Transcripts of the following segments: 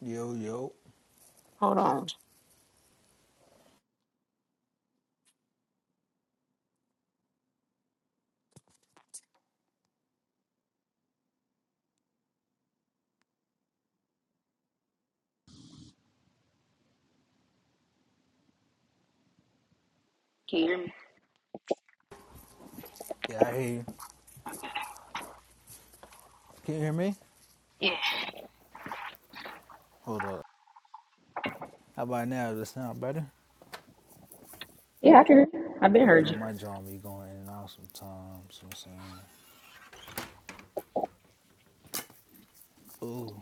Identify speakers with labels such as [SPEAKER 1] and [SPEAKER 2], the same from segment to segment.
[SPEAKER 1] Yo, yo.
[SPEAKER 2] Hold on.
[SPEAKER 1] Yeah, I hear you. Can you hear me? Hold up. How about now? Does it sound better?
[SPEAKER 2] Yeah, I can hear you. I've been
[SPEAKER 1] You
[SPEAKER 2] heard
[SPEAKER 1] know,
[SPEAKER 2] you.
[SPEAKER 1] my jaw be going in and out sometimes. You know what I'm saying? Ooh,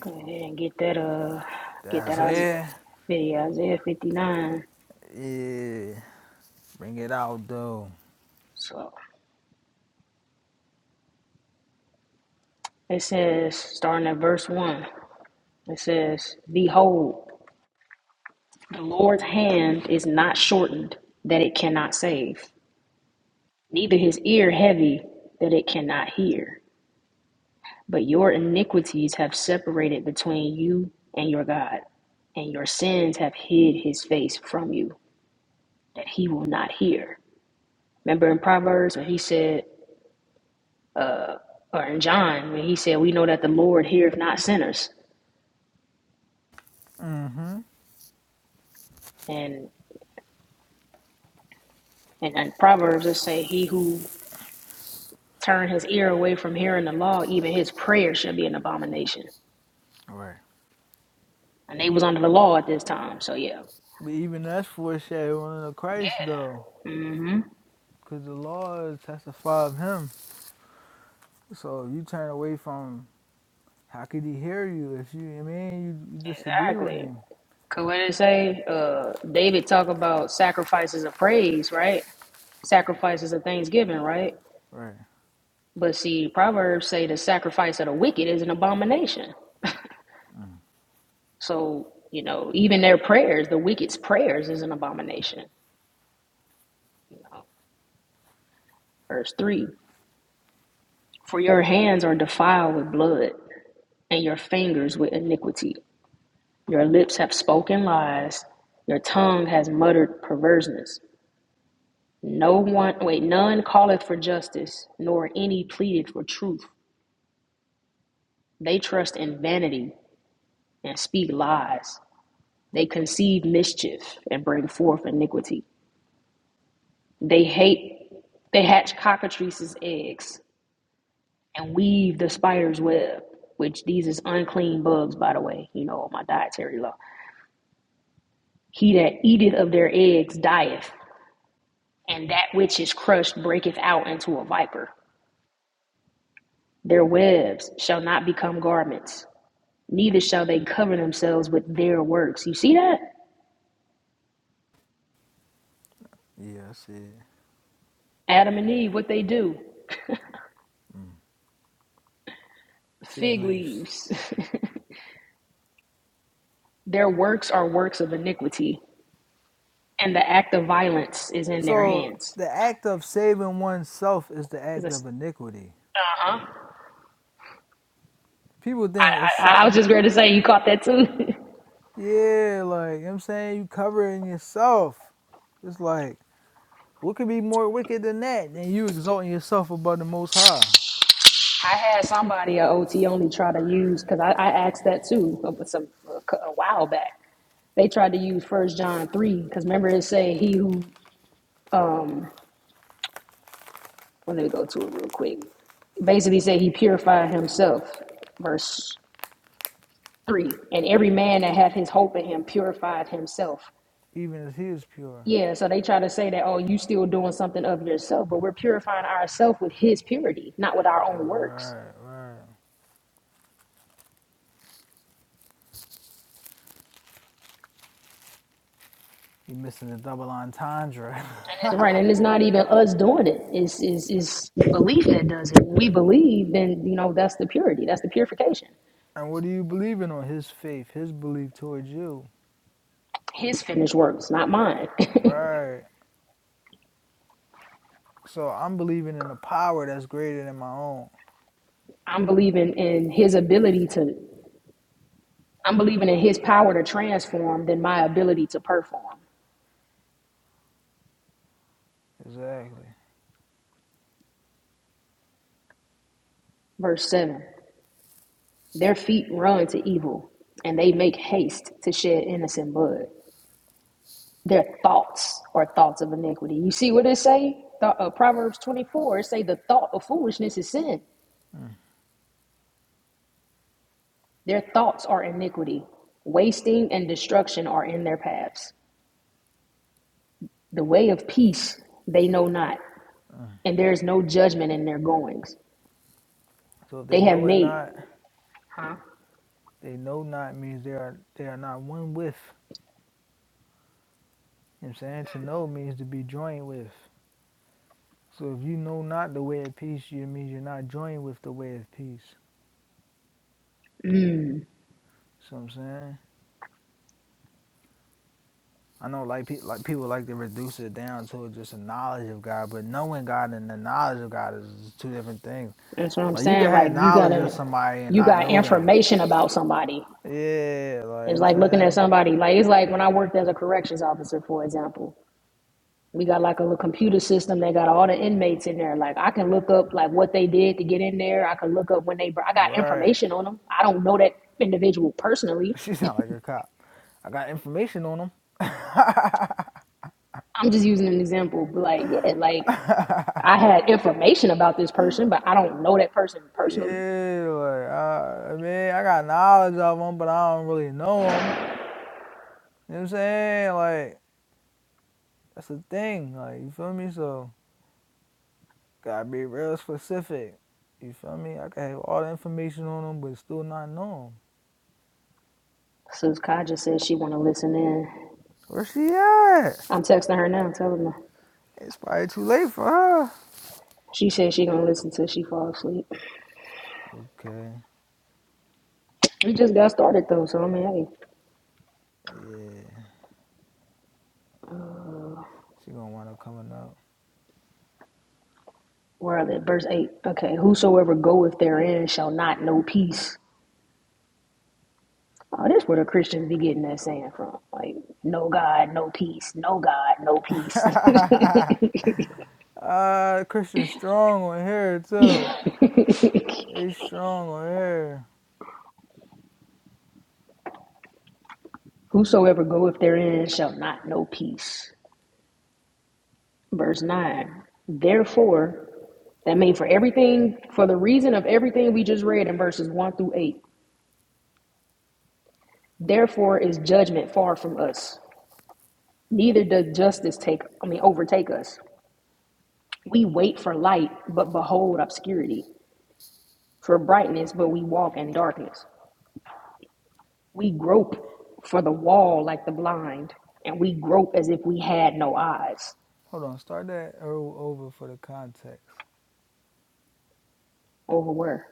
[SPEAKER 2] Go ahead and get that uh get that
[SPEAKER 1] that's
[SPEAKER 2] Isaiah
[SPEAKER 1] it.
[SPEAKER 2] 50, Isaiah 59.
[SPEAKER 1] Yeah. Bring it out, though.
[SPEAKER 2] So it says starting at verse one, it says, Behold, the Lord's hand is not shortened that it cannot save, neither his ear heavy that it cannot hear. But your iniquities have separated between you and your God, and your sins have hid his face from you, that he will not hear. Remember in Proverbs when he said, or in John when he said, "We know that the Lord heareth not sinners."
[SPEAKER 1] Mm-hmm.
[SPEAKER 2] And and in Proverbs it say, "He who turned his ear away from hearing the law, even his prayer shall be an abomination."
[SPEAKER 1] All Right.
[SPEAKER 2] And they was under the law at this time, so yeah.
[SPEAKER 1] But even that's foreshadowing of Christ,
[SPEAKER 2] Yeah.
[SPEAKER 1] though.
[SPEAKER 2] Mm-hmm.
[SPEAKER 1] Because the law testifies of him. So if you turn away from how could he hear you if you, I mean, you, you disagree with
[SPEAKER 2] Exactly.
[SPEAKER 1] him.
[SPEAKER 2] Cause what did it say? Uh, David talk about sacrifices of praise, right? Sacrifices of thanksgiving, right?
[SPEAKER 1] Right.
[SPEAKER 2] But see, Proverbs say the sacrifice of the wicked is an abomination.
[SPEAKER 1] Mm.
[SPEAKER 2] So, you know, even their prayers, the wicked's prayers is an abomination. You know, verse 3 For your hands are defiled with blood, and your fingers with iniquity. Your lips have spoken lies, your tongue has muttered perverseness. No one, wait, none calleth for justice, nor any pleaded for truth. They trust in vanity and speak lies. They conceive mischief and bring forth iniquity. They hate, they hatch cockatrices' eggs and weave the spider's web, which these is unclean bugs, by the way, you know, my dietary law. He that eateth of their eggs dieth, and that which is crushed breaketh out into a viper. Their webs shall not become garments, neither shall they cover themselves with their works. You see that?
[SPEAKER 1] Yeah, I see it.
[SPEAKER 2] Adam and Eve, what they do?
[SPEAKER 1] Fig
[SPEAKER 2] Fig
[SPEAKER 1] leaves.
[SPEAKER 2] leaves. their works are works of iniquity, and the act of violence is in their
[SPEAKER 1] So
[SPEAKER 2] hands.
[SPEAKER 1] the act of saving oneself is the
[SPEAKER 2] Is
[SPEAKER 1] act
[SPEAKER 2] this-
[SPEAKER 1] of iniquity. People
[SPEAKER 2] I,
[SPEAKER 1] think it's
[SPEAKER 2] I, I was
[SPEAKER 1] something,
[SPEAKER 2] just going to say, you caught that too.
[SPEAKER 1] yeah, like, you know what I'm saying? You covering yourself. It's like, what could be more wicked than that? Than you exalting yourself above the Most High,
[SPEAKER 2] I had somebody at OT only try to use because I, I asked that too uh, some a, a while back. They tried to use First John three because remember it say he who um well, let me go to it real quick. Basically say he purified himself, verse three, and every man that hath his hope in him purified himself.
[SPEAKER 1] even as He is pure.
[SPEAKER 2] Yeah, so they try to say that oh you still doing something of yourself, but we're purifying ourselves with his purity, not with our own works.
[SPEAKER 1] Right, right. you missing the double entendre.
[SPEAKER 2] That's right, and it's not even us doing it. It's it's, it's belief that does it. we believe, then you know that's the purity, that's the purification.
[SPEAKER 1] and what are you believing on? His faith, His belief towards you.
[SPEAKER 2] His finished works, not mine.
[SPEAKER 1] Right. So I'm believing in a power that's greater than my own.
[SPEAKER 2] I'm believing in His ability to. I'm believing in His power to transform than my ability to perform.
[SPEAKER 1] Exactly.
[SPEAKER 2] Verse seven: Their feet run to evil, and they make haste to shed innocent blood. Their thoughts are thoughts of iniquity. You see what it say? Th- uh, Proverbs 24 it say the thought of foolishness is sin. Their thoughts are iniquity. Wasting and destruction are in their paths. The way of peace they know not, and there is no judgment in their goings.
[SPEAKER 1] So if
[SPEAKER 2] They
[SPEAKER 1] they
[SPEAKER 2] have
[SPEAKER 1] know it
[SPEAKER 2] made.
[SPEAKER 1] not,
[SPEAKER 2] Huh?
[SPEAKER 1] They know not means they are they are not one with. You know what I'm saying? To know means to be joined with. So if you know not the way of peace, you means you're not joined with the way of peace. So I'm saying? I know like pe- like people like to reduce it down to just a knowledge of God, but knowing God and the knowledge of God is two different things.
[SPEAKER 2] That's what I'm
[SPEAKER 1] Like you can
[SPEAKER 2] saying. Like
[SPEAKER 1] have
[SPEAKER 2] you
[SPEAKER 1] knowledge of
[SPEAKER 2] gotta,
[SPEAKER 1] somebody and
[SPEAKER 2] you
[SPEAKER 1] not
[SPEAKER 2] got
[SPEAKER 1] know them.
[SPEAKER 2] information about somebody.
[SPEAKER 1] Yeah, like you know what
[SPEAKER 2] It's
[SPEAKER 1] I'm
[SPEAKER 2] like looking at
[SPEAKER 1] saying?
[SPEAKER 2] somebody. Like it's like when I worked as a corrections officer, for example. We got like a little computer system that got all the inmates in there. Like I can look up like what they did to get in there. I can look up when they. I got
[SPEAKER 1] Right.
[SPEAKER 2] information on them. I don't know that individual personally,
[SPEAKER 1] She sound like a cop. I got information on them.
[SPEAKER 2] I'm just using an example, but like, yeah, like I had information about this person, but I don't know that person personally.
[SPEAKER 1] Yeah, like I, I mean, I got knowledge of them, but I don't really know them. You know what I'm saying? Like that's the thing. Like you feel me? So gotta be real specific. You feel me? I can have all the information on them, but still not know 'em.
[SPEAKER 2] So Kai just said she want to listen in.
[SPEAKER 1] Where she at?
[SPEAKER 2] I'm texting her now, telling her.
[SPEAKER 1] It's probably too late for her.
[SPEAKER 2] She said she gonna listen till she fall asleep.
[SPEAKER 1] Okay.
[SPEAKER 2] We just got started though, so I mean, hey,
[SPEAKER 1] Yeah, she gonna wind up coming up.
[SPEAKER 2] where are they? Verse eight. Okay, whosoever goeth therein shall not know peace. Oh, that's where the Christians be getting that saying from. Like, no God, no peace. No God, no peace.
[SPEAKER 1] uh, Christian Strong on here too. They strong on here.
[SPEAKER 2] Whosoever goeth therein shall not know peace. verse 9 therefore that means for everything for the reason of everything we just read in verses 1 through 8 therefore is judgment far from us neither does justice take i mean overtake us we wait for light but behold obscurity for brightness but we walk in darkness we grope for the wall like the blind and we grope as if we had no eyes
[SPEAKER 1] Hold on, start that o- over for the context.
[SPEAKER 2] over where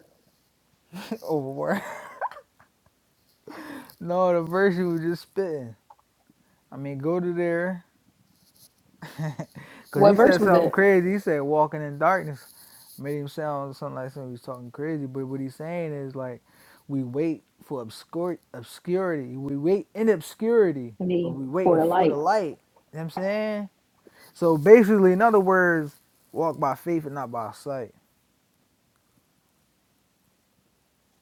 [SPEAKER 1] overboard. no, the verse you was just spitting. I mean, go to there. Because
[SPEAKER 2] what
[SPEAKER 1] he
[SPEAKER 2] verse
[SPEAKER 1] said
[SPEAKER 2] was
[SPEAKER 1] something
[SPEAKER 2] that
[SPEAKER 1] crazy. He said walking in darkness. Made him sound something like somebody was talking crazy. But what he's saying is like, we wait for obscur- obscurity. We wait in obscurity, but
[SPEAKER 2] the
[SPEAKER 1] we
[SPEAKER 2] for
[SPEAKER 1] waiting
[SPEAKER 2] the
[SPEAKER 1] for the
[SPEAKER 2] light
[SPEAKER 1] light. You know what I'm saying? So basically, in other words, walk by faith and not by sight.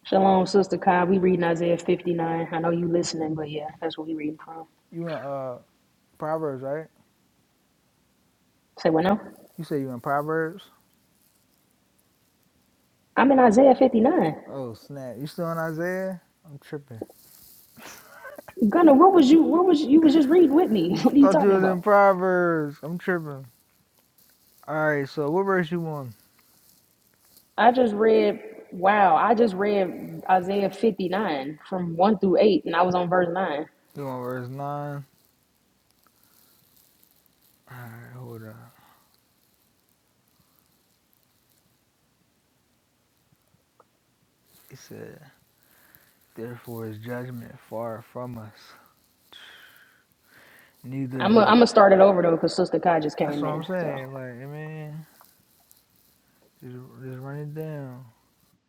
[SPEAKER 2] Shalom, Sister Kai. We reading Isaiah 59. I know you listening, but yeah, that's what we reading from.
[SPEAKER 1] You in uh Proverbs, right?
[SPEAKER 2] Say what now?
[SPEAKER 1] You say you in Proverbs?
[SPEAKER 2] I'm in Isaiah 59.
[SPEAKER 1] Oh, snap. You still in Isaiah? I'm tripping.
[SPEAKER 2] Gunner, what was you what was you was just reading with me? What are you
[SPEAKER 1] Thought you
[SPEAKER 2] talking
[SPEAKER 1] was
[SPEAKER 2] about?
[SPEAKER 1] in Proverbs. I'm tripping. Alright, so what verse you want?
[SPEAKER 2] I just read wow, I just read Isaiah 59 from 1 through 8 and I was on verse 9.
[SPEAKER 1] You want verse 9? Alright, hold on. It said, Therefore is judgment far from us. Neither
[SPEAKER 2] I'm gonna I'm
[SPEAKER 1] doth.
[SPEAKER 2] gonna start it over though because Sister Kai just
[SPEAKER 1] That's
[SPEAKER 2] came
[SPEAKER 1] what I'm
[SPEAKER 2] in. So
[SPEAKER 1] saying. Like, I mean, just, just run it down.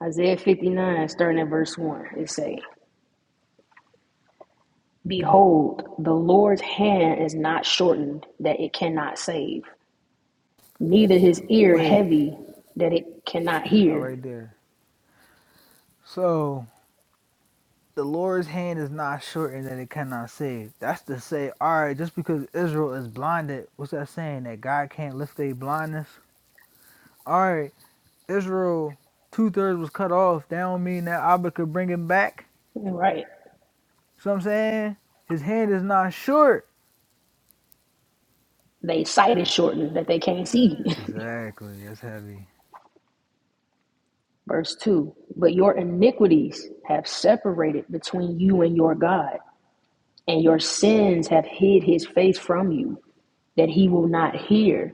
[SPEAKER 2] Isaiah 59 starting at verse 1. It say, Behold, the Lord's hand is not shortened that it cannot save neither his ear
[SPEAKER 1] Wait,
[SPEAKER 2] heavy that it cannot
[SPEAKER 1] stop
[SPEAKER 2] hear.
[SPEAKER 1] right there. So, the Lord's hand is not shortened that it cannot save. That's to say, alright, just because Israel is blinded, what's that saying? That God can't lift their blindness? All right. Israel two thirds was cut off, that don't mean that Abba could bring him back.
[SPEAKER 2] Right.
[SPEAKER 1] So I'm saying his hand is not short.
[SPEAKER 2] They sight is shortened that they can't see.
[SPEAKER 1] Exactly, that's heavy.
[SPEAKER 2] Verse 2 But your iniquities have separated between you and your God, and your sins have hid his face from you, that he will not hear.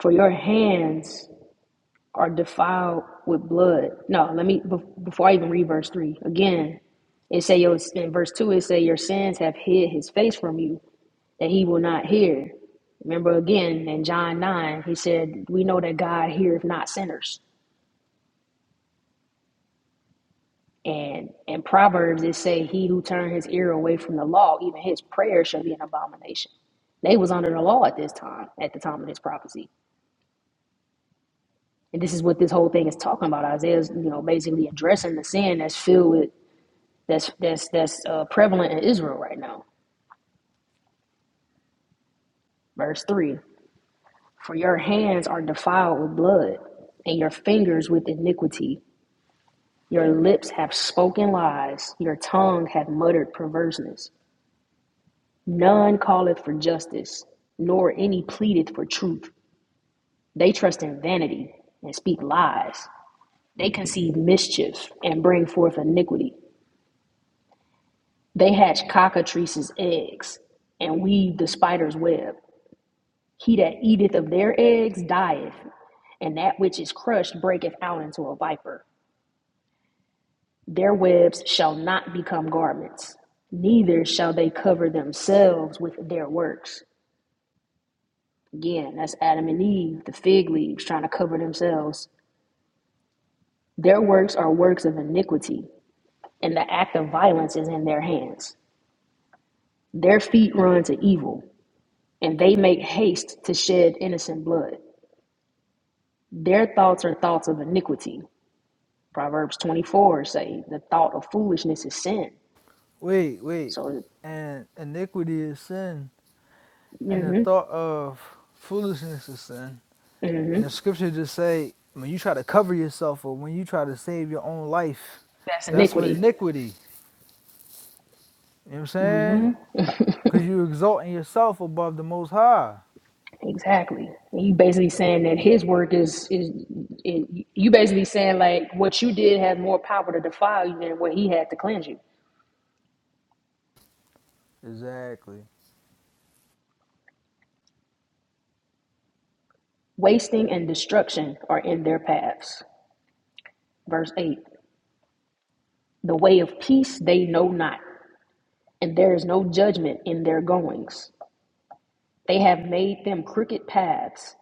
[SPEAKER 2] For your hands are defiled with blood. No, let me, before I even read verse 3, again, it say your in verse two. It say your sins have hid His face from you, that he will not hear. Remember again in John 9, he said, We know that God heareth not sinners. And in Proverbs it say, He who turned his ear away from the law, even his prayer shall be an abomination. They was under the law at this time, at the time of this prophecy. And this is what this whole thing is talking about. Isaiah's, you know, basically addressing the sin that's filled with that's that's that's uh, prevalent in Israel right now. Verse three: For your hands are defiled with blood, and your fingers with iniquity. Your lips have spoken lies, your tongue hath muttered perverseness. None calleth for justice, nor any pleadeth for truth. They trust in vanity and speak lies. They conceive mischief and bring forth iniquity. They hatch cockatrices' eggs and weave the spider's web. He that eateth of their eggs dieth, and that which is crushed breaketh out into a viper. Their webs shall not become garments, neither shall they cover themselves with their works. Again, that's Adam and Eve, the fig leaves, trying to cover themselves. Their works are works of iniquity, and the act of violence is in their hands. Their feet run to evil, and they make haste to shed innocent blood. Their thoughts are thoughts of iniquity. Proverbs 24 say, the thought of foolishness is sin.
[SPEAKER 1] Wait, wait,
[SPEAKER 2] So,
[SPEAKER 1] and iniquity is sin, and the
[SPEAKER 2] hmm
[SPEAKER 1] thought of foolishness is sin.
[SPEAKER 2] hmm
[SPEAKER 1] And the scripture just say when you try to cover yourself or when you try to save your own life,
[SPEAKER 2] that's
[SPEAKER 1] that's what
[SPEAKER 2] iniquity.
[SPEAKER 1] iniquity. You know what I'm saying? Cause you exalting yourself above the Most High.
[SPEAKER 2] Exactly. And you basically saying that his work is is it, you basically saying like what you did had more power to defile you than what he had to cleanse you.
[SPEAKER 1] Exactly.
[SPEAKER 2] Wasting and destruction are in their paths. Verse 8. The way of peace they know not, and there is no judgment in their goings. They have made them crooked paths.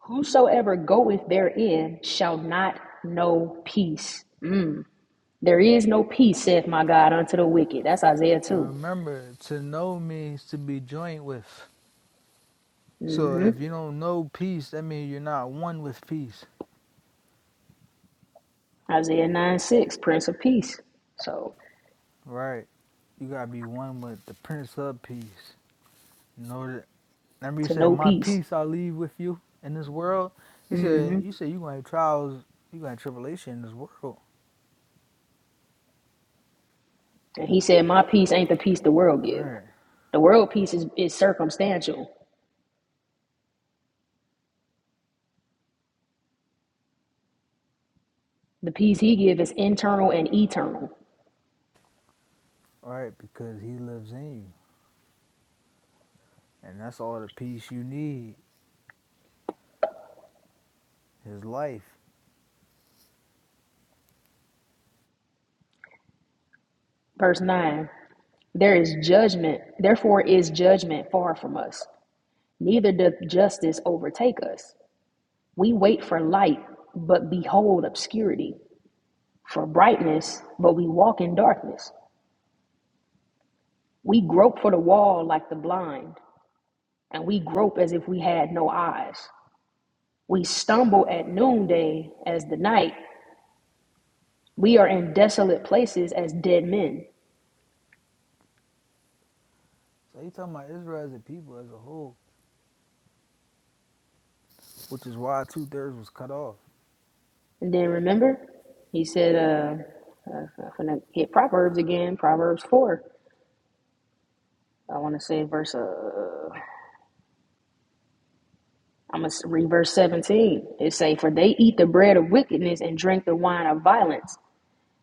[SPEAKER 2] Whosoever goeth therein shall not know peace. There is no peace, saith my God, unto the wicked. That's Isaiah
[SPEAKER 1] And
[SPEAKER 2] 2.
[SPEAKER 1] remember, to know means to be joined with. So if you don't know peace, that means you're not one with peace,
[SPEAKER 2] Isaiah 9 6, Prince of Peace. So
[SPEAKER 1] right? You gotta be one with the Prince of Peace. You know that. Remember, he
[SPEAKER 2] to
[SPEAKER 1] said,
[SPEAKER 2] know
[SPEAKER 1] "My
[SPEAKER 2] peace.
[SPEAKER 1] peace I leave with you in this world." He said, "You said you gonna have trials, you gonna have tribulation in this world,
[SPEAKER 2] And he said, My peace ain't the peace the world give.
[SPEAKER 1] right?
[SPEAKER 2] The world peace is, is circumstantial. The peace he give is internal and eternal.
[SPEAKER 1] Right? Because He lives in you, and that's all the peace you need. His life."
[SPEAKER 2] Verse 9 There is judgment, therefore is judgment far from us. Neither doth justice overtake us. We wait for light, but behold obscurity. For brightness, but we walk in darkness. We grope for the wall like the blind, and we grope as if we had no eyes. We stumble at noonday as the night. We are in desolate places as dead men.
[SPEAKER 1] So he talking about Israel as a people as a whole, which is why two thirds was cut off.
[SPEAKER 2] And then remember, he said, uh, uh, I'm gonna hit Proverbs again, Proverbs 4. I want to say verse, uh, I'm gonna read verse 17. It say, For they eat the bread of wickedness and drink the wine of violence.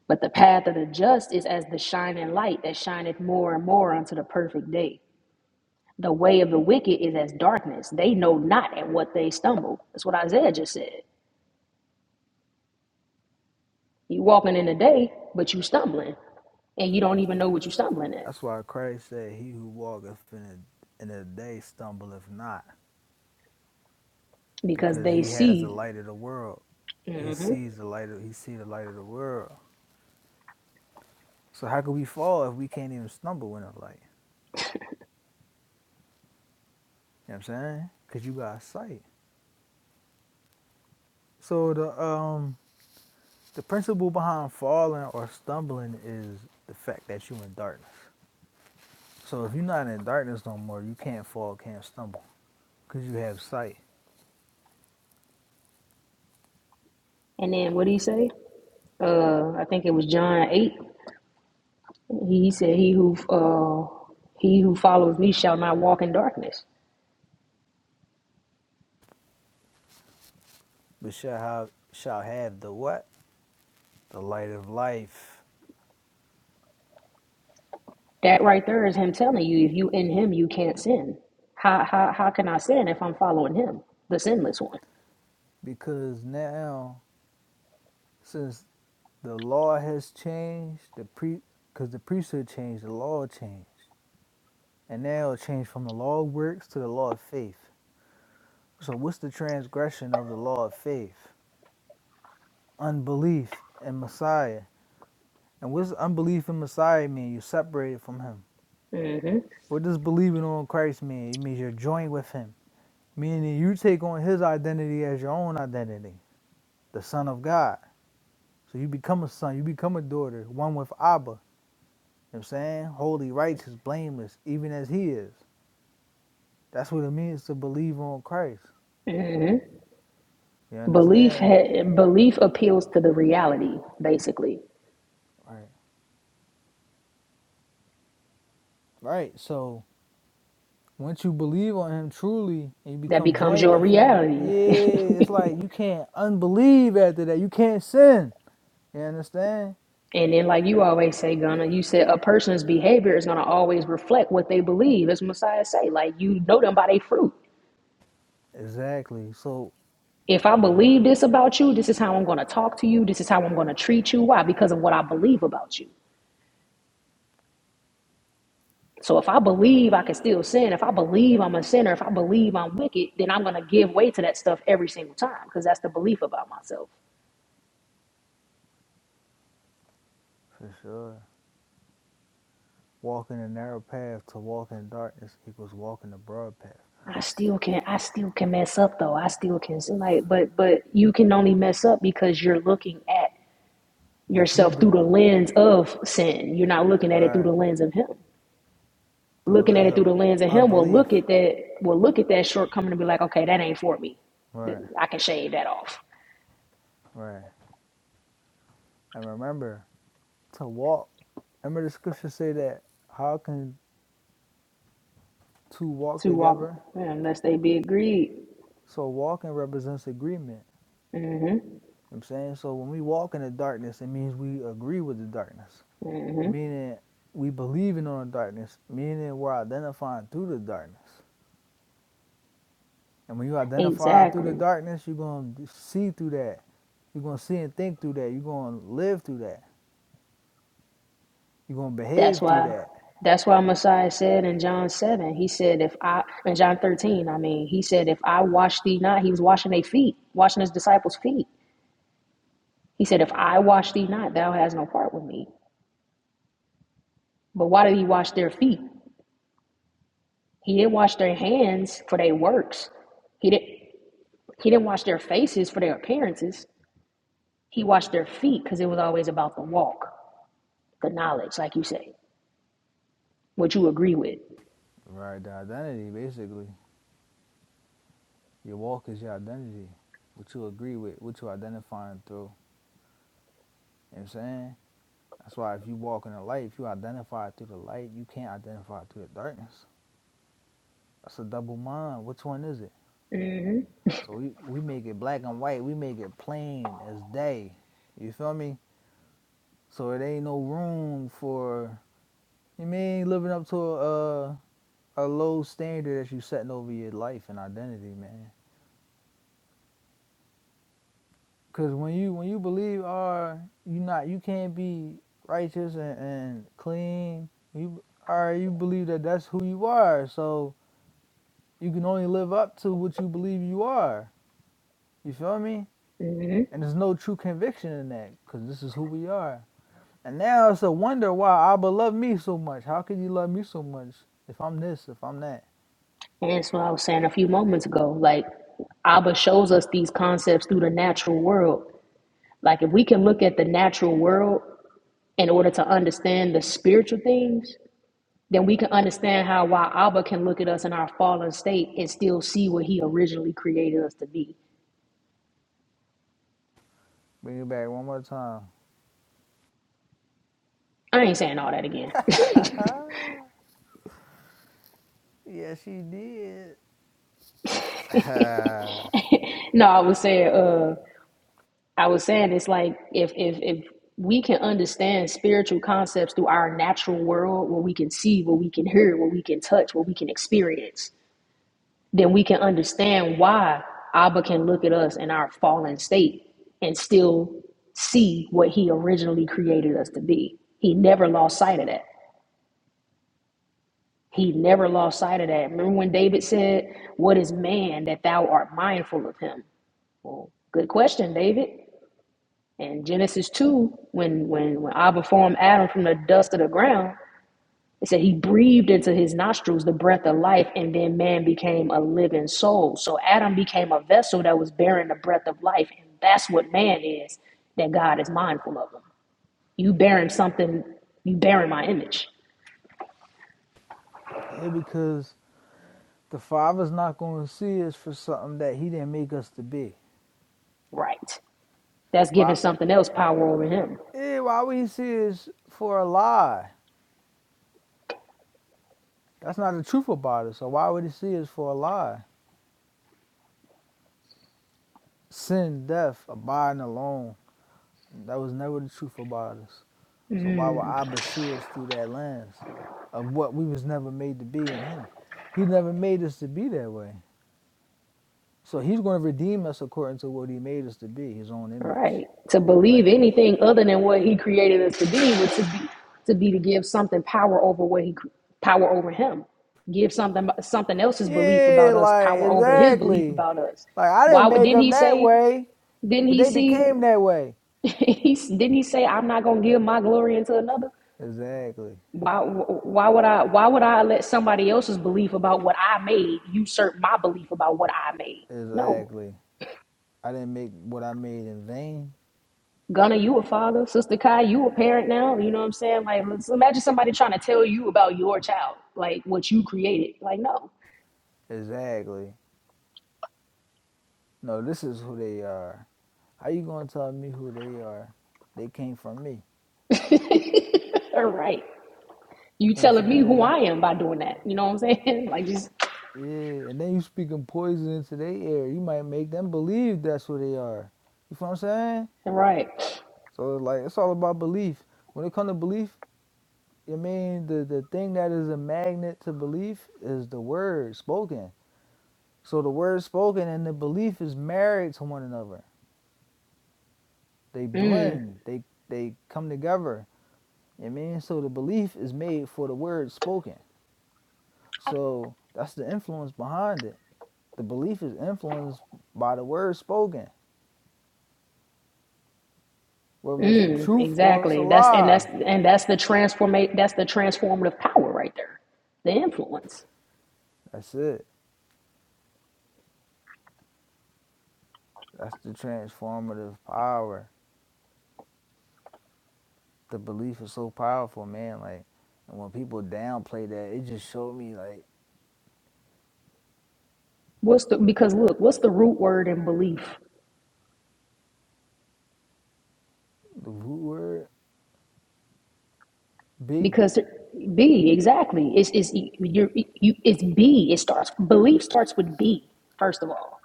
[SPEAKER 2] But the path of the just is as the shining light that shineth more and more unto the perfect day. The way of the wicked is as darkness. They know not at what they stumble. That's what Isaiah just said. You walking in the day, but you stumbling, and you don't even know what you stumbling at
[SPEAKER 1] That's why Christ said, He who walketh in the, in the day stumbleth not,
[SPEAKER 2] because
[SPEAKER 1] because
[SPEAKER 2] they
[SPEAKER 1] he has the
[SPEAKER 2] see.
[SPEAKER 1] light of the world. He
[SPEAKER 2] hmm
[SPEAKER 1] sees the light of he see the light of the world. So how could we fall if we can't even stumble in the light? You know what I'm saying? Cause you got sight. So the um the principle behind falling or stumbling is the fact that you're in darkness. So if you're not in darkness no more, you can't fall, can't stumble, cause you have sight.
[SPEAKER 2] And then what did he say? Uh, I think it was John eight. He said, "He who uh, he who follows me shall not walk in darkness."
[SPEAKER 1] But shall have shall have the what? The light of life.
[SPEAKER 2] That right there is him telling you, if you in him, you can't sin. How how how can I sin if I'm following him, the sinless one?
[SPEAKER 1] because now since the law has changed the pre because the priesthood changed the law changed and now it changed from the law of works to the law of faith so what's the transgression of the law of faith unbelief in messiah and what's unbelief in messiah mean you're separated from him
[SPEAKER 2] mm hmm
[SPEAKER 1] what does believing on christ mean it means you're joined with him meaning you take on his identity as your own identity the son of god so you become a son you become a daughter one with abba You know what I'm saying? Holy, righteous, blameless, even as he is. That's what it means to believe on Christ.
[SPEAKER 2] mm
[SPEAKER 1] You
[SPEAKER 2] hmm Belief
[SPEAKER 1] understand?
[SPEAKER 2] ha- belief appeals to the reality, basically.
[SPEAKER 1] Right. Right. So once you believe on him truly and you
[SPEAKER 2] That
[SPEAKER 1] become
[SPEAKER 2] becomes
[SPEAKER 1] joined
[SPEAKER 2] your
[SPEAKER 1] with him, yeah,
[SPEAKER 2] reality.
[SPEAKER 1] it's like you can't unbelieve after that. You can't sin. You understand?
[SPEAKER 2] And then, like you always say, Gunna, you said a person's behavior is gonna always reflect what they believe, as Messiah say. Like you know them by their fruit.
[SPEAKER 1] Exactly. So
[SPEAKER 2] If I believe this about you, this is how I'm gonna talk to you. This is how I'm gonna treat you. Why? Because of what I believe about you. So if I believe I can still sin, if I believe I'm a sinner, if I believe I'm wicked, then I'm gonna give way to that stuff every single time because that's the belief about myself.
[SPEAKER 1] for sure. Walking the narrow path to walk in darkness equals walking the broad path.
[SPEAKER 2] I still can I still can mess up though. I still can sin like but but you can only mess up because you're looking at
[SPEAKER 1] What you
[SPEAKER 2] yourself through the
[SPEAKER 1] doing?
[SPEAKER 2] lens of sin. You're not looking at it through the
[SPEAKER 1] Right.
[SPEAKER 2] lens of him.
[SPEAKER 1] Through the
[SPEAKER 2] Looking at
[SPEAKER 1] lens
[SPEAKER 2] it through
[SPEAKER 1] of
[SPEAKER 2] the lens of him will
[SPEAKER 1] unbelief.
[SPEAKER 2] look at that will look at that shortcoming and be like, okay, that ain't for me.
[SPEAKER 1] Right.
[SPEAKER 2] I can shave that off.
[SPEAKER 1] Right. And remember, to walk. Remember the scripture say that how can two walk
[SPEAKER 2] To
[SPEAKER 1] together?
[SPEAKER 2] walk unless they be agreed.
[SPEAKER 1] So walking represents agreement.
[SPEAKER 2] hmm
[SPEAKER 1] You know what I'm saying? So when we walk in the darkness, it means we agree with the darkness.
[SPEAKER 2] hmm
[SPEAKER 1] Meaning we believing on the darkness, meaning we're identifying through the darkness. And when you identify through the
[SPEAKER 2] Exactly.
[SPEAKER 1] darkness, you're gonna see through that. You're gonna see and think through that. You're gonna live through that. You're gonna
[SPEAKER 2] That's
[SPEAKER 1] behave through
[SPEAKER 2] why.
[SPEAKER 1] that.
[SPEAKER 2] That's why Messiah said in John seven. He said, "If I in John thirteen, I mean, he said, if I wash thee not, he was washing their feet, washing his disciples' feet. He said, if I wash thee not, thou hast no part with me. But why did he wash their feet? He didn't wash their hands for their works. He didn't he didn't wash their faces for their appearances. He washed their feet because it was always about the walk, the knowledge, like you say, what you agree with.
[SPEAKER 1] Right, the identity basically. Your walk is your identity. What you agree with, what you identifying through. You know what I'm saying? That's why if you walk in the light, if you identify through the light, you can't identify through the darkness. That's a double mind. Which one is it? So we, we make it black and white. We make it plain as day. You feel me? So it ain't no room for you mean living up to a a, a low standard that you setting over your life and identity, man. Cause when you when you believe are uh, you not you can't be righteous and, and clean. You are uh, you believe that that's who you are. So You can only live up to what you believe you are. You feel me?
[SPEAKER 2] hmm
[SPEAKER 1] And there's no true conviction in that because this is who we are. And now it's a wonder why Abba loved me so much. How could you love me so much if I'm this, if I'm that?
[SPEAKER 2] And that's what I was saying a few moments ago. Like Abba shows us these concepts through the natural world. Like if we can look at the natural world in order to understand the spiritual things, then we can understand how why Abba can look at us in our fallen state and still see what he originally created us to be.
[SPEAKER 1] Bring it back one more time.
[SPEAKER 2] I ain't saying all that again.
[SPEAKER 1] yes, she did. yeah,
[SPEAKER 2] no, I was saying uh I was saying it's like if if if we can understand spiritual concepts through our natural world where we can see, where we can hear, where we can touch, where we can experience, then we can understand why Abba can look at us in our fallen state and still see what he originally created us to be. He never lost sight of that. He never lost sight of that. Remember when David said, What is man that thou art mindful of him? Well, good question, David. And Genesis 2, when, when, when Abba formed Adam from the dust of the ground, it said he breathed into his nostrils the breath of life, and then man became a living soul. So Adam became a vessel that was bearing the breath of life, and that's what man is, that God is mindful of him. You bearing something, you bearing my image.
[SPEAKER 1] because the Father's not going to see us for something that He didn't make us to be.
[SPEAKER 2] Right. That's giving
[SPEAKER 1] Why?
[SPEAKER 2] something else power over him.
[SPEAKER 1] Yeah, why would He see us for a lie? That's not the truth about it. So why would He see us for a lie? Sin, death, abiding alone. That was never the truth about us. So why would Abba see us through that lens of what we was never made to be in him? He never made us to be that way. So he's going to redeem us according to what he made us to be, his own image
[SPEAKER 2] Right. To
[SPEAKER 1] and
[SPEAKER 2] believe
[SPEAKER 1] likeness.
[SPEAKER 2] anything other than what he created us to be was to be to be to give something power over what he cr- power over him. Give something something else's belief
[SPEAKER 1] Yeah,
[SPEAKER 2] about us
[SPEAKER 1] like
[SPEAKER 2] power over his belief
[SPEAKER 1] exactly.
[SPEAKER 2] about us.
[SPEAKER 1] Like I
[SPEAKER 2] Why
[SPEAKER 1] didn't
[SPEAKER 2] would-
[SPEAKER 1] make
[SPEAKER 2] didn't
[SPEAKER 1] them
[SPEAKER 2] he
[SPEAKER 1] that
[SPEAKER 2] say?
[SPEAKER 1] way,
[SPEAKER 2] Didn't
[SPEAKER 1] but
[SPEAKER 2] he
[SPEAKER 1] they
[SPEAKER 2] see?
[SPEAKER 1] became that way.
[SPEAKER 2] He s- didn't he say, "I'm not going to give my glory into another"?
[SPEAKER 1] Exactly.
[SPEAKER 2] Why? wh- Why would I? Why would I let somebody else's belief about what I made usurp my belief about what I made? No.
[SPEAKER 1] Exactly. I didn't make what I made in vain.
[SPEAKER 2] Gunner, you a father. Sister Kai, you a parent now. You know what I'm saying? Like, let's imagine somebody trying to tell you about your child, like what you created. Like, no.
[SPEAKER 1] Exactly. No, this is who they are. How you gonna tell me who they are? They came from me.
[SPEAKER 2] all right. You
[SPEAKER 1] You know what I'm
[SPEAKER 2] telling me who
[SPEAKER 1] saying?
[SPEAKER 2] I am by doing that. You know what I'm saying? Like, just,
[SPEAKER 1] Yeah, and then you speaking poison into their ear. You might make them believe that's who they are. You feel what I'm saying?
[SPEAKER 2] all right.
[SPEAKER 1] So it's like it's all about belief. When it comes to belief, I mean the, the thing that is a magnet to belief is the word spoken. So the word spoken and the belief is married to one another. They
[SPEAKER 2] Mm,
[SPEAKER 1] blend. They they come together. You mean so the belief is made for the word spoken. So that's the influence behind it. The belief is influenced by the word spoken, whether it's the
[SPEAKER 2] mm,
[SPEAKER 1] truth or it's a
[SPEAKER 2] exactly. That's and that's
[SPEAKER 1] lie.
[SPEAKER 2] and that's the transformate. That's the transformative power right there. The influence.
[SPEAKER 1] That's it. That's the transformative power. The belief is so powerful, man. Like, and when people downplay that, it just showed me like
[SPEAKER 2] What's the because look, what's the root word in belief?
[SPEAKER 1] the root word be.
[SPEAKER 2] because B exactly it's it's you are you it's B it starts belief starts with B first of all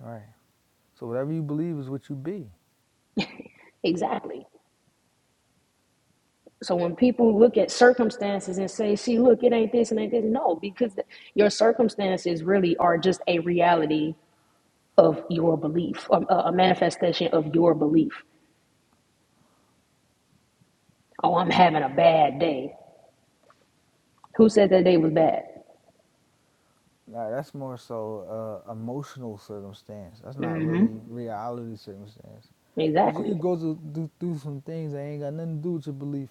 [SPEAKER 1] Right. So whatever you believe is what you be.
[SPEAKER 2] exactly so when people look at circumstances and say see look it ain't this and ain't this no because th- your circumstances really are just a reality of your belief um, a a manifestation of your belief oh I'm having a bad day who said that day was bad
[SPEAKER 1] Like that's more so uh, emotional circumstance. That's not really reality circumstance. Cause you
[SPEAKER 2] exactly
[SPEAKER 1] could go to do, do some things that ain't got nothing to do with your belief.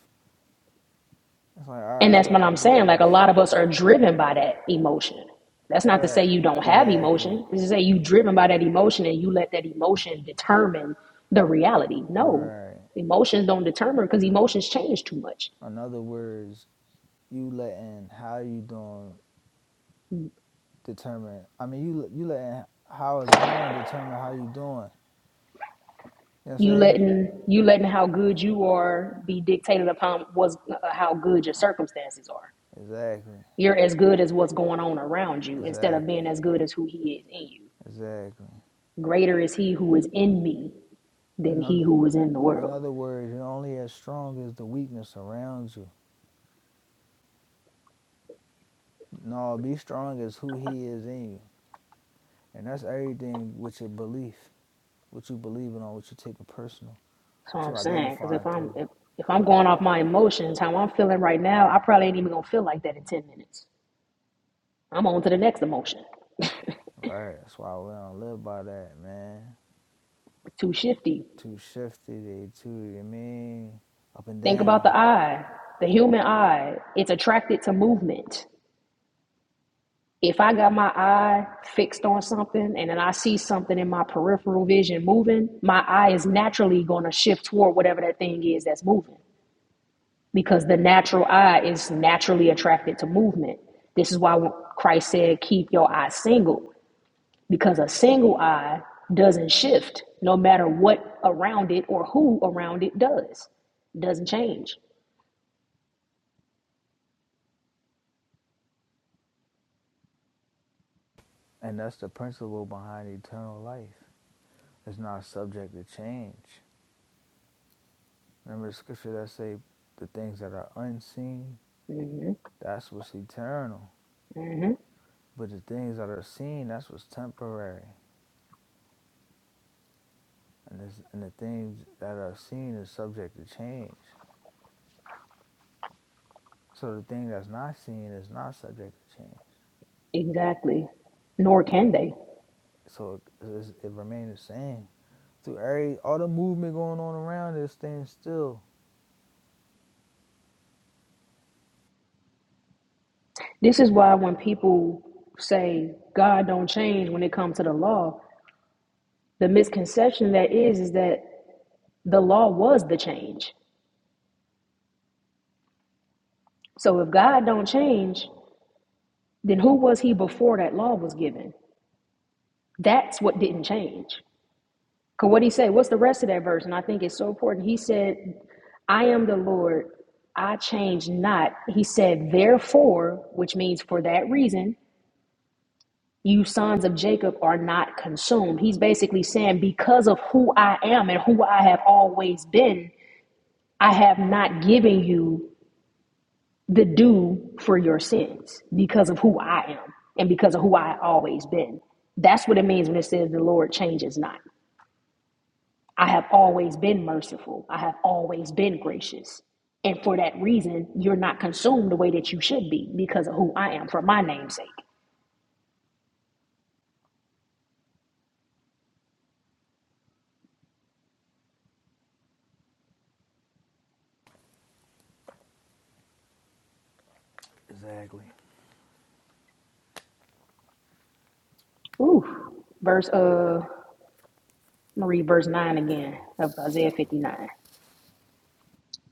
[SPEAKER 1] It's like, all
[SPEAKER 2] And
[SPEAKER 1] right, I
[SPEAKER 2] that's what
[SPEAKER 1] gotta
[SPEAKER 2] I'm saying.
[SPEAKER 1] bear
[SPEAKER 2] Like a
[SPEAKER 1] this.
[SPEAKER 2] lot of us are driven by that emotion. That's not to say
[SPEAKER 1] Right,
[SPEAKER 2] you don't have
[SPEAKER 1] exactly.
[SPEAKER 2] emotion. It's to say you driven by that emotion and you let that emotion determine the reality. No,
[SPEAKER 1] Right.
[SPEAKER 2] emotions don't determine because emotions change too much.
[SPEAKER 1] In other words, you letting how you doing determine. I mean, you you letting how it's going determine how you doing. You know what I'm
[SPEAKER 2] You
[SPEAKER 1] saying?
[SPEAKER 2] letting you letting how good you are be dictated upon what's uh, how good your circumstances are.
[SPEAKER 1] Exactly,
[SPEAKER 2] You're as good as what's going on around you instead of
[SPEAKER 1] exactly,
[SPEAKER 2] being as good as who he is in you.
[SPEAKER 1] exactly.
[SPEAKER 2] Greater is he who is in me than
[SPEAKER 1] In
[SPEAKER 2] he
[SPEAKER 1] other,
[SPEAKER 2] who is in the
[SPEAKER 1] in
[SPEAKER 2] world.
[SPEAKER 1] other words, you're only as strong as the weakness around you. No, be strong as who He is in you, and that's everything with your belief, what you believing on, what you taking personal,
[SPEAKER 2] That's what I'm
[SPEAKER 1] to
[SPEAKER 2] saying. Because if
[SPEAKER 1] identifying
[SPEAKER 2] I'm
[SPEAKER 1] through.
[SPEAKER 2] if, if I'm going off my emotions, how I'm feeling right now, I probably ain't even gonna feel like that in ten minutes. I'm on to the next emotion.
[SPEAKER 1] Right. That's why we don't live by that, man.
[SPEAKER 2] It's too shifty.
[SPEAKER 1] Too shifty, they too. you know what I mean, up and
[SPEAKER 2] Think about
[SPEAKER 1] down.
[SPEAKER 2] the eye, the human eye. It's attracted to movement. If I got my eye fixed on something and then I see something in my peripheral vision moving, my eye is naturally going to shift toward whatever that thing is that's moving because the natural eye is naturally attracted to movement. This is why Christ said, Keep your eye single because a single eye doesn't shift no matter what around it or who around it does It doesn't change
[SPEAKER 1] And that's the principle behind eternal life. It's not subject to change. Remember the scripture that say the things that are unseen, that's what's eternal. But the things that are seen, that's what's temporary. And, this, and the things that are seen is subject to change. So the thing that's not seen is not subject to change.
[SPEAKER 2] exactly nor can they
[SPEAKER 1] So it, it's- it remains the same. Through every, all the movement going on around us, staying still.
[SPEAKER 2] this is why when people say god don't change when it comes to the law the misconception that is is that the law was the change so if god don't change then who was he before that law was given that's what didn't change Cause what he said, what's the rest of that verse? And I think it's so important. He said, I am the Lord, I change not. He said, therefore, which means for that reason, you sons of Jacob are not consumed. He's basically saying, because of who I am and who I have always been, I have not given you the due for your sins because of who I am and because of who I always been. That's what it means when it says the Lord changes not. I have always been merciful. I have always been gracious. And for that reason, you're not consumed the way that you should be because of who I am for my name's sake.
[SPEAKER 1] Exactly.
[SPEAKER 2] Ooh. Verse uh I'm gonna read verse nine again of Isaiah 59.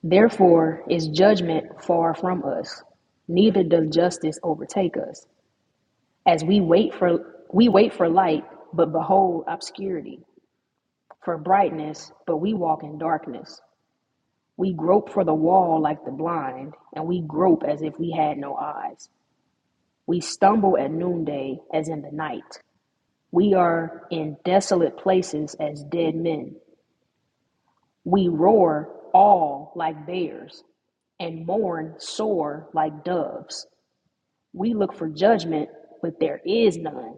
[SPEAKER 2] Therefore is judgment far from us, neither does justice overtake us. As we wait for we wait for light, but behold obscurity, for brightness, but we walk in darkness. We grope for the wall like the blind, and we grope as if we had no eyes. We stumble at noonday as in the night. We are in desolate places as dead men. We roar all like bears, and mourn sore like doves. We look for judgment, but there is none,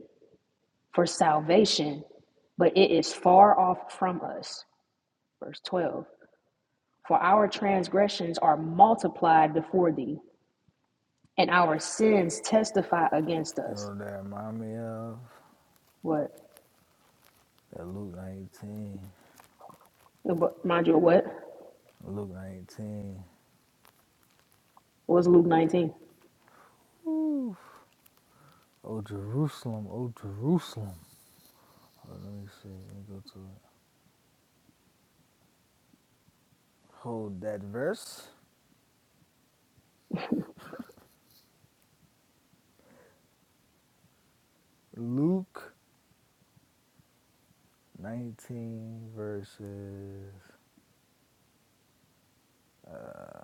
[SPEAKER 2] for salvation, but it is far off from us. Verse 12 For our transgressions are multiplied before thee, and our sins testify against
[SPEAKER 1] You know
[SPEAKER 2] us.
[SPEAKER 1] what that remind me of?
[SPEAKER 2] What?
[SPEAKER 1] That Luke 19.
[SPEAKER 2] Mind you, what?
[SPEAKER 1] Luke 19.
[SPEAKER 2] What's Luke 19?
[SPEAKER 1] Ooh. Oh Jerusalem, oh Jerusalem. Oh, let me see. Let me go to it. Hold that verse. Luke 19 verses uh,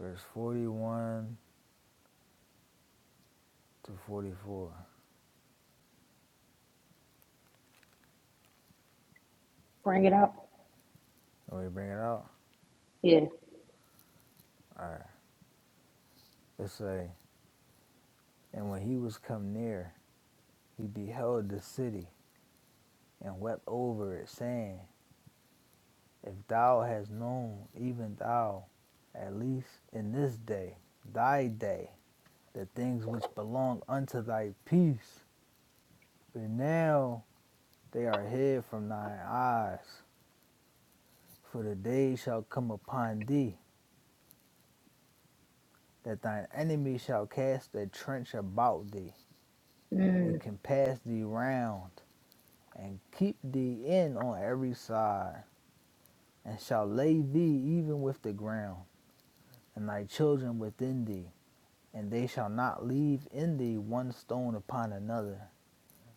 [SPEAKER 1] verse 41 to 44.
[SPEAKER 2] Bring it out.
[SPEAKER 1] Let me bring it out.
[SPEAKER 2] Yeah.
[SPEAKER 1] All right. Let's say, and when he was come near, he beheld the city and wept over it, saying, If thou hast known, even thou, at least in this day, thy day, the things which belong unto thy peace, but now they are hid from thine eyes. For the day shall come upon thee, that thine enemy shall cast a trench about thee, and compass thee round, and keep thee in on every side, and shall lay thee even with the ground, and thy children within thee. and they shall not leave in thee one stone upon another,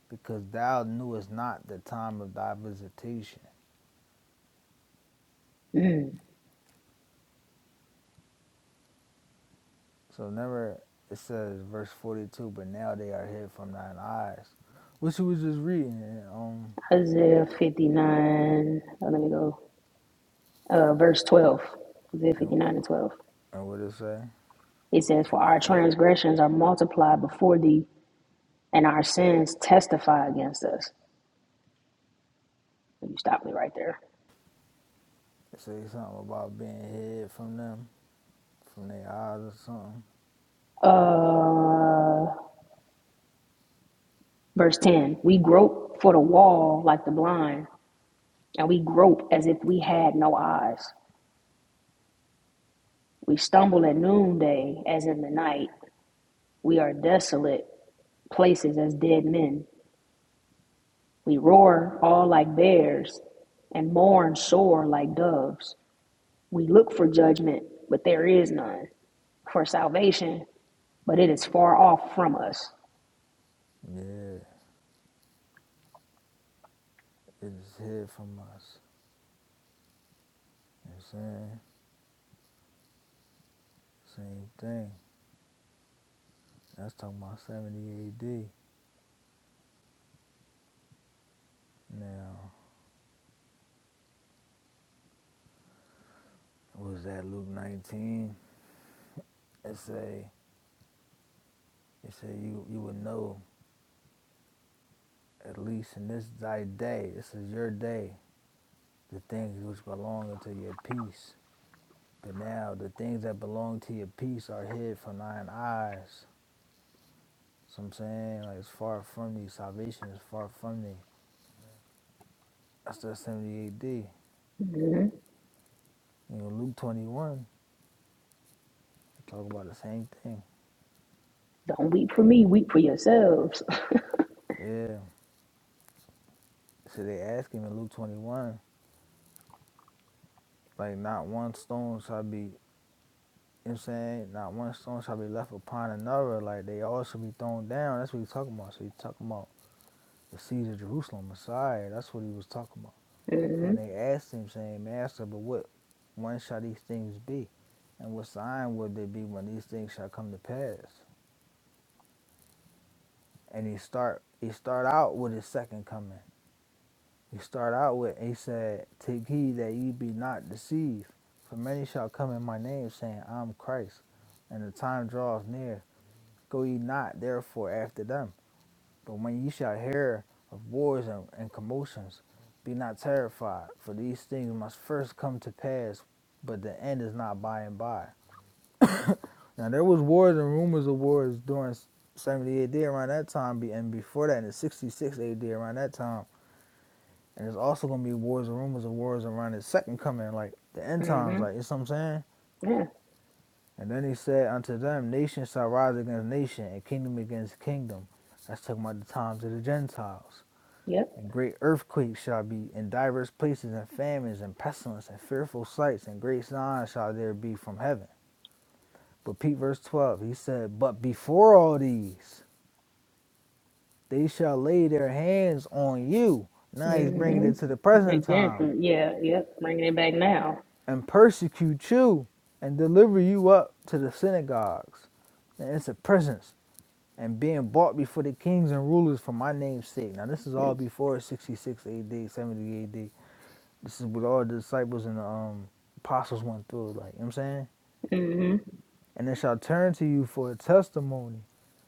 [SPEAKER 1] because thou knewest not the time of thy visitation. So never it says verse forty two, but now they are hid from thine eyes. Which you was just reading and um
[SPEAKER 2] Isaiah 59. oh, let me go. Uh, verse 12. Isaiah
[SPEAKER 1] and,
[SPEAKER 2] 59 and 12.
[SPEAKER 1] and what it say?
[SPEAKER 2] It says, For our transgressions are multiplied before thee, and our sins testify against us. You stop me right there.
[SPEAKER 1] It say something about being hid from them, from their eyes or something.
[SPEAKER 2] Uh, verse 10. We grope for the wall like the blind, and we grope as if we had no eyes. We stumble at noonday as in the night. We are desolate places as dead men. We roar all like bears and mourn sore like doves. We look for judgment, but there is none. For salvation, but it is far off from us.
[SPEAKER 1] Yeah, it is hid from us. You know what I'm saying? Same thing. That's talking about seventy AD. Now was that Luke nineteen? It say, it say you you would know at least in this thy day. This is your day. The things which belong unto your peace. But now the things that belong to your peace are hid from thine eyes. So I'm saying like it's far from thee. Salvation is far from thee. That's the 78 D.
[SPEAKER 2] Mhm.
[SPEAKER 1] You know Luke 21 talk about the same thing.
[SPEAKER 2] Don't weep for me, weep for yourselves.
[SPEAKER 1] Yeah. So they ask him in Luke 21 like not one stone shall be. You know what I'm saying? Not one stone shall be left upon another. Like they all should be thrown down. That's what he's talking about. So he's talking about the siege of Jerusalem, Messiah. That's what he was talking about.
[SPEAKER 2] hmm
[SPEAKER 1] And they asked him, saying, Master, but what when shall these things be? And what sign will there be when these things shall come to pass? And he start he start out with his second coming. He start out with he said, Take heed that ye be not deceived, for many shall come in my name, saying, I'm Christ, and the time draweth near. Go ye not therefore after them. But when ye shall hear of wars and, and commotions, be not terrified, for these things must first come to pass, but the end is not by and by. Now there was wars and rumors of wars during 70 AD around that time, and before that in 66 AD around that time. And there's also gonna be wars and rumors of wars around the second coming, like the end times,
[SPEAKER 2] hmm
[SPEAKER 1] like you know what I'm saying?
[SPEAKER 2] Yeah.
[SPEAKER 1] And then he said unto them, Nation shall rise against nation, and kingdom against kingdom. That's talking about the times of the Gentiles.
[SPEAKER 2] Yep.
[SPEAKER 1] And great earthquakes shall be in divers places, and famines, and pestilence, and fearful sights, and great signs shall there be from heaven. But Pete, verse 12, he said, But before all these, they shall lay their hands on you. Now he's bringing
[SPEAKER 2] hmm
[SPEAKER 1] it to the present
[SPEAKER 2] Great Bear.
[SPEAKER 1] time,
[SPEAKER 2] Yeah. Yep. Bringing it back now.
[SPEAKER 1] and persecute you, and deliver you up to the synagogues. And it's a presence and being bought before the kings and rulers for my name's sake. Now this is all before 66 AD, 70 AD. This is what all the disciples and the um, apostles went through, like, you know what I'm saying?
[SPEAKER 2] hmm
[SPEAKER 1] And they shall turn to you for a testimony.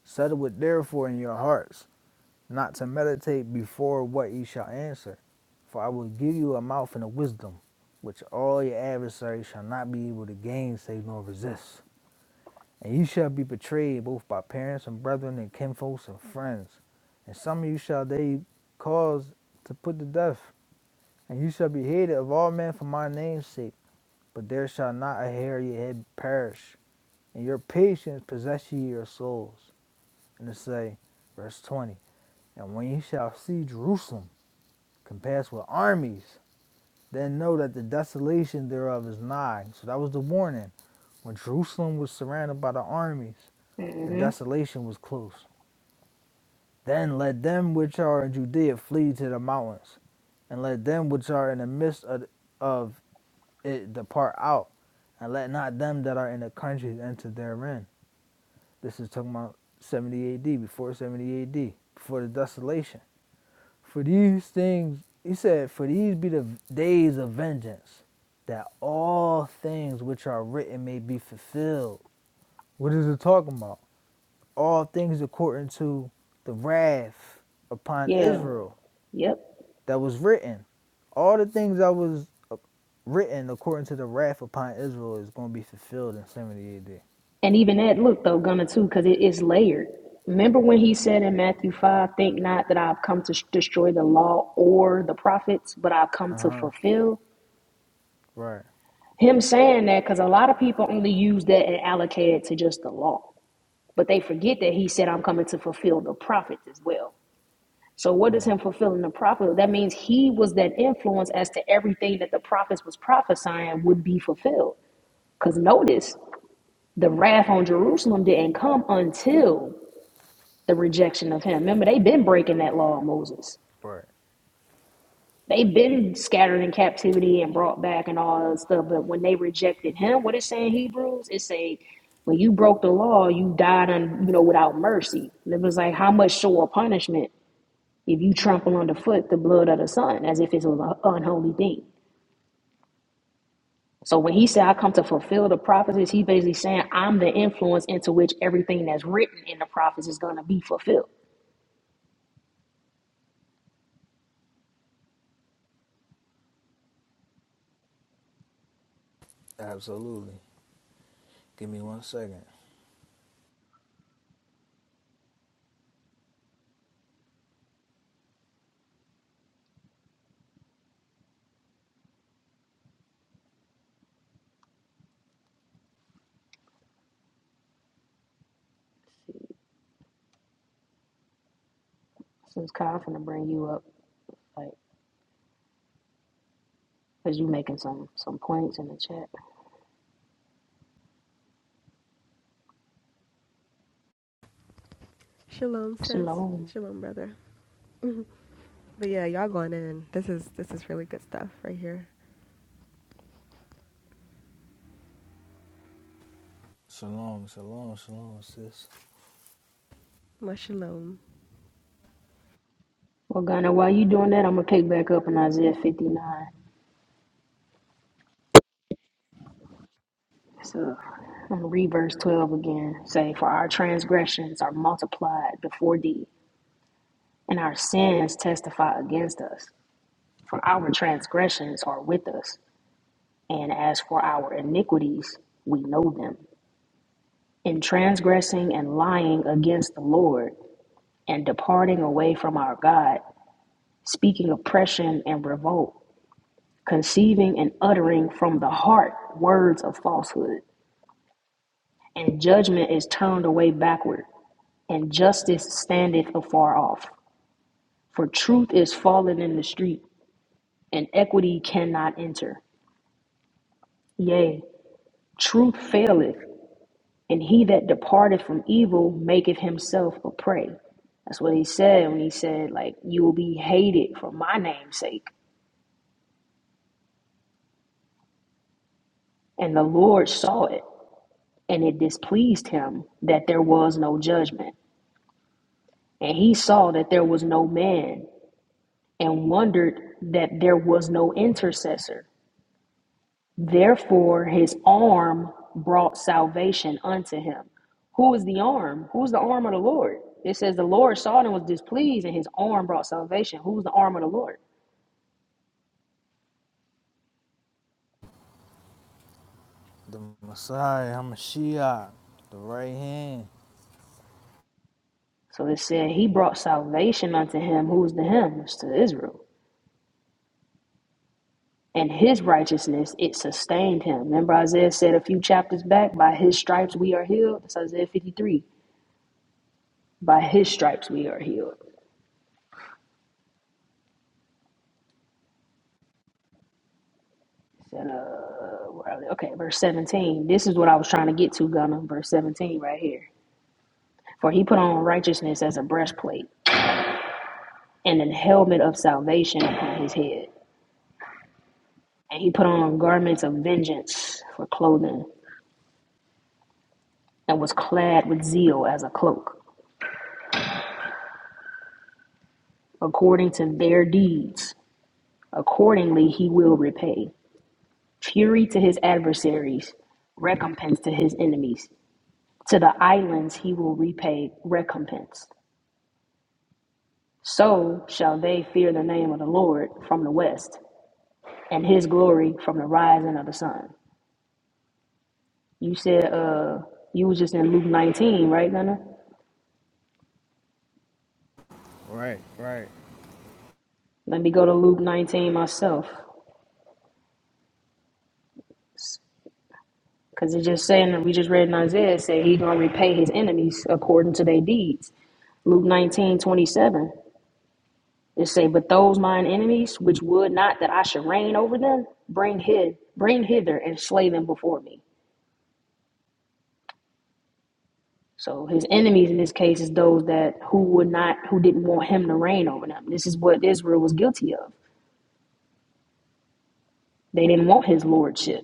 [SPEAKER 1] Settle it therefore in your hearts, not to meditate before what ye shall answer. For I will give you a mouth and a wisdom, which all your adversaries shall not be able to gainsay nor resist. And you shall be betrayed both by parents and brethren and kinfolks and friends. And some of you shall they cause to put to death. And you shall be hated of all men for my name's sake. But there shall not a hair of your head perish. And your patience possess ye your souls. And it say, verse 20, And when ye shall see Jerusalem compassed with armies, then know that the desolation thereof is nigh. So that was the warning. When Jerusalem was surrounded by the armies, the
[SPEAKER 2] hmm
[SPEAKER 1] desolation was close. Then let them which are in Judea flee to the mountains, and let them which are in the midst of, of it depart out, and let not them that are in the countries enter therein. This is talking about 70 AD, before 70 AD, before the desolation. For these things, he said, for these be the days of vengeance, that all things which are written may be fulfilled. What is it talking about? All things according to the wrath upon
[SPEAKER 2] Yeah.
[SPEAKER 1] Israel
[SPEAKER 2] Yep.
[SPEAKER 1] that was written. All the things that was uh, written according to the wrath upon Israel is going to be fulfilled in 70 AD.
[SPEAKER 2] And even that, look though, Gunna too, because it is layered. Remember when he said in Matthew 5, think not that I've come to sh- destroy the law or the prophets, but I've come
[SPEAKER 1] Uh
[SPEAKER 2] to
[SPEAKER 1] huh.
[SPEAKER 2] fulfill?
[SPEAKER 1] Right.
[SPEAKER 2] Him saying that because a lot of people only use that and allocate it to just the law, but they forget that he said, I'm coming to fulfill the prophets as well. So what is
[SPEAKER 1] Mm,
[SPEAKER 2] him fulfilling the prophet? That means he was that influence as to everything that the prophets was prophesying would be fulfilled. Because notice, the wrath on Jerusalem didn't come until the rejection of him. Remember, they've been breaking that law of Moses.
[SPEAKER 1] right.
[SPEAKER 2] They've been scattered in captivity and brought back and all that stuff. But when they rejected him, what it say in Hebrews? It say, when you broke the law, you died on you know without mercy. And it was like how much sure punishment if you trample underfoot the blood of the son, as if it was an unholy thing. So when he said, I come to fulfill the prophecies, he basically saying, I'm the influence into which everything that's written in the prophets is gonna be fulfilled.
[SPEAKER 1] Absolutely. Give me one second.
[SPEAKER 2] So it's kind of gonna bring you up. like. Cause you making some some points in the chat.
[SPEAKER 3] Shalom, sis.
[SPEAKER 2] Shalom.
[SPEAKER 3] Shalom, brother. But yeah, y'all going in. This is this is really good stuff right here.
[SPEAKER 1] Shalom, shalom, shalom, sis.
[SPEAKER 3] My shalom.
[SPEAKER 2] Well, Ghana, while you doing that, I'm gonna pick back up in Isaiah 59. So I'm gonna read verse 12 again. Say, for our transgressions are multiplied before thee, and our sins testify against us. For our transgressions are with us, and as for our iniquities, we know them. In transgressing and lying against the Lord, and departing away from our God, speaking oppression and revolt conceiving and uttering from the heart words of falsehood, and judgment is turned away backward, and justice standeth afar off. For truth is fallen in the street, and equity cannot enter. Yea, truth faileth, and he that departeth from evil maketh himself a prey. That's what he said when he said, like, you will be hated for my name's sake. And the Lord saw it, and it displeased him that there was no judgment. And he saw that there was no man and wondered that there was no intercessor. Therefore, his arm brought salvation unto him. Who is the arm? Who's the arm of the Lord? It says the Lord saw it and was displeased, and his arm brought salvation. Who's the arm of the Lord?
[SPEAKER 1] The Messiah, Hamashiach, the right hand.
[SPEAKER 2] So it said he brought salvation unto him. Who's the him? It's to Israel. And his righteousness, it sustained him. Remember, Isaiah said a few chapters back, by his stripes we are healed. That's Isaiah 53. By his stripes we are healed. uh, where are they? okay, verse 17. This is what I was trying to get to, Gunner. Verse 17 right here. For he put on righteousness as a breastplate and an helmet of salvation upon his head. And he put on garments of vengeance for clothing and was clad with zeal as a cloak. According to their deeds, accordingly he will repay. Fury to his adversaries, recompense to his enemies. To the islands he will repay recompense. So shall they fear the name of the Lord from the west, and his glory from the rising of the sun. You said uh you was just in Luke 19, right, Gunna?
[SPEAKER 1] Right, right.
[SPEAKER 2] Let me go to Luke 19 myself. Cause it's just saying that we just read in Isaiah it said he gonna repay his enemies according to their deeds. Luke 19 27. It say, But those mine enemies which would not that I should reign over them, bring hit bring hither and slay them before me. So his enemies in this case is those that who would not who didn't want him to reign over them. This is what Israel was guilty of. They didn't want his lordship.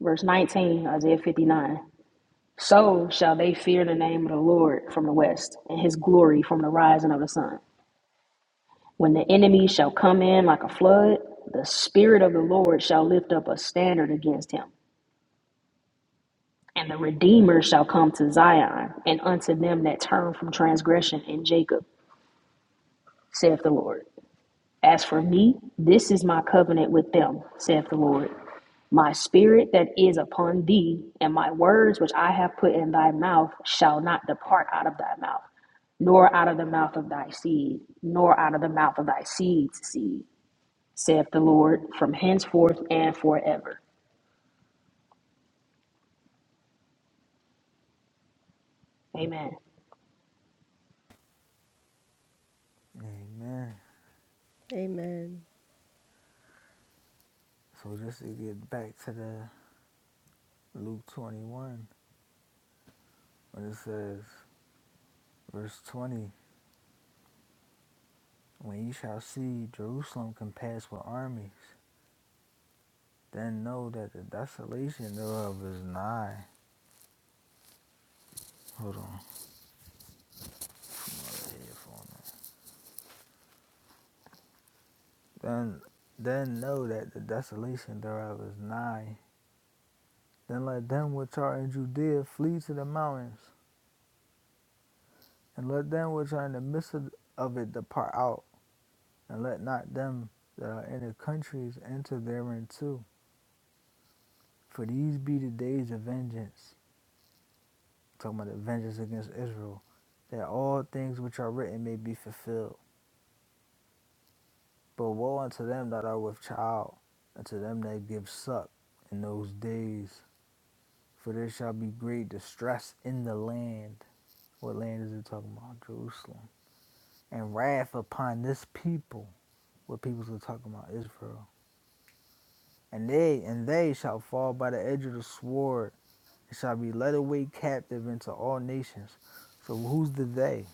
[SPEAKER 2] Verse 19, Isaiah 59. So shall they fear the name of the Lord from the west, and his glory from the rising of the sun. When the enemy shall come in like a flood, the spirit of the Lord shall lift up a standard against him. And the Redeemer shall come to Zion, and unto them that turn from transgression in Jacob, saith the Lord. As for me, this is my covenant with them, saith the Lord. My spirit that is upon thee, and my words which I have put in thy mouth shall not depart out of thy mouth, nor out of the mouth of thy seed, nor out of the mouth of thy seed's seed, saith the Lord, from henceforth and forever. Amen.
[SPEAKER 1] Amen.
[SPEAKER 3] Amen.
[SPEAKER 1] So just to get back to the Luke 21, when it says, verse 20, when ye shall see Jerusalem compassed with armies, then know that the desolation thereof is nigh. Hold on, Then, then know that the desolation thereof is nigh. Then let them which are in Judea flee to the mountains, and let them which are in the midst of of it depart out, and let not them that are in the countries enter therein too. For these be the days of vengeance, I'm talking about the vengeance against Israel, that all things which are written may be fulfilled. But woe unto them that are with child, and to them that give suck in those days. For there shall be great distress in the land. What land is it talking about? Jerusalem. And wrath upon this people. What peoples are talking about? Israel. And they and they shall fall by the edge of the sword, and shall be led away captive into all nations. So who's the they?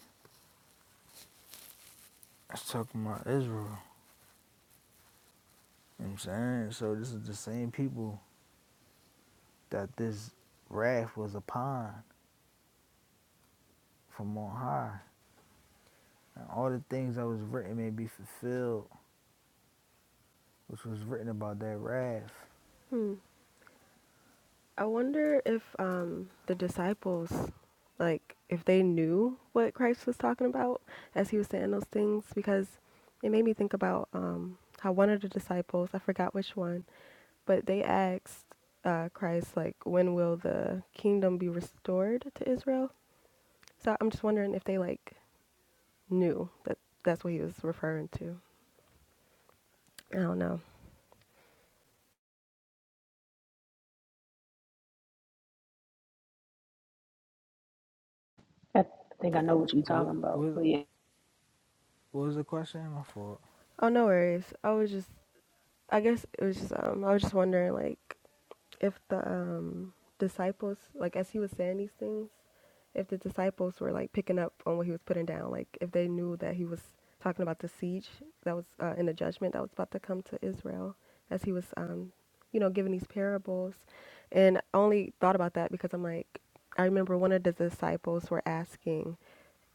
[SPEAKER 1] It's talking about Israel. You know what I'm saying? So this is the same people that this wrath was upon. from on high. And all the things that was written may be fulfilled, which was written about that wrath.
[SPEAKER 3] Hmm. I wonder if um the disciples, like, if they knew what Christ was talking about as he was saying those things, because it made me think about um how one of the disciples, I forgot which one, but they asked uh, Christ like, when will the kingdom be restored to Israel? So I'm just wondering if they like knew that that's what he was referring to. I don't know.
[SPEAKER 2] I think I know what you're talking
[SPEAKER 1] What,
[SPEAKER 2] about,
[SPEAKER 1] what,
[SPEAKER 2] but yeah.
[SPEAKER 1] what was the question? My fault.
[SPEAKER 3] Oh, no worries. I was just, I guess it was just, um, I was just wondering, like, if the um, disciples, like, as he was saying these things, if the disciples were like picking up on what he was putting down, like if they knew that he was talking about the siege that was uh, in the judgment that was about to come to Israel, as he was, um, you know, giving these parables, and I only thought about that because I'm like, I remember one of the disciples were asking.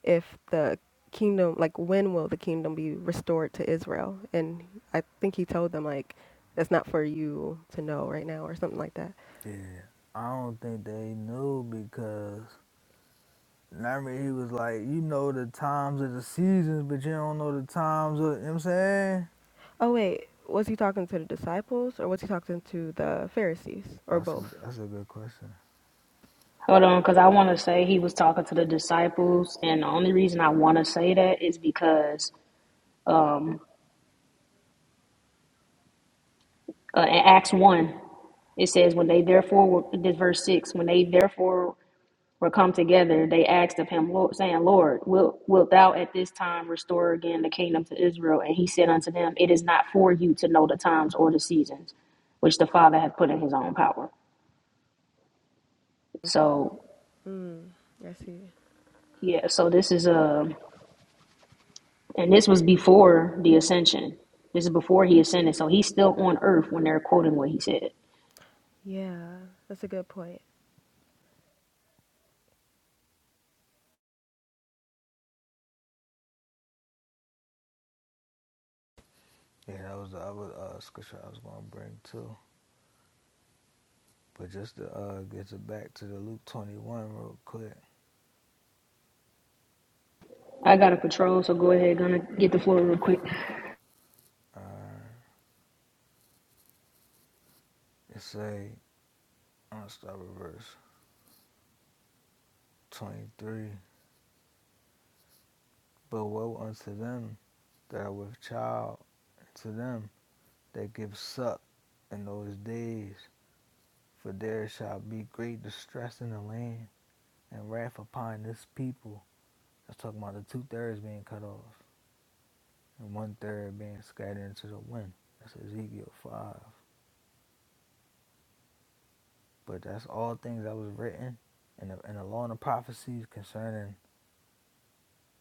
[SPEAKER 3] if the kingdom, like when will the kingdom be restored to Israel? And I think he told them like that's not for you to know right now or something like that.
[SPEAKER 1] Yeah. I don't think they knew because remember he was like, you know the times of the seasons, but you don't know the times of, you know what I'm saying?
[SPEAKER 3] Oh wait, was he talking to the disciples or was he talking to the Pharisees or
[SPEAKER 1] That's
[SPEAKER 3] both?
[SPEAKER 1] a, that's a good question.
[SPEAKER 2] Hold on, because I want to say he was talking to the disciples, and the only reason I want to say that is because um, uh, in Acts 1, It says, when they therefore, were, this verse 6, when they therefore were come together, they asked of him, Lord, saying, Lord, wilt, wilt thou at this time restore again the kingdom to Israel? And he said unto them, It is not for you to know the times or the seasons, which the Father hath put in his own power. So,
[SPEAKER 3] Mm, I see.
[SPEAKER 2] yeah, so this is a, and this was before the ascension. This is before he ascended. So he's still on earth when they're quoting what he said.
[SPEAKER 3] Yeah, that's a good point.
[SPEAKER 1] Yeah, that was the other uh, scripture I was going to bring too. But just to uh, get it back to the Luke 21 real quick.
[SPEAKER 2] I got a patrol, so go ahead, going get the floor real quick.
[SPEAKER 1] Uh, it say, I'm going to start with verse 23. But woe unto them that are with child, and to them that give suck in those days. For there shall be great distress in the land, and wrath upon this people. That's talking about the two thirds being cut off, and one third being scattered into the wind. That's Ezekiel 5. But that's all things that was written in the, in the law and the prophecies concerning,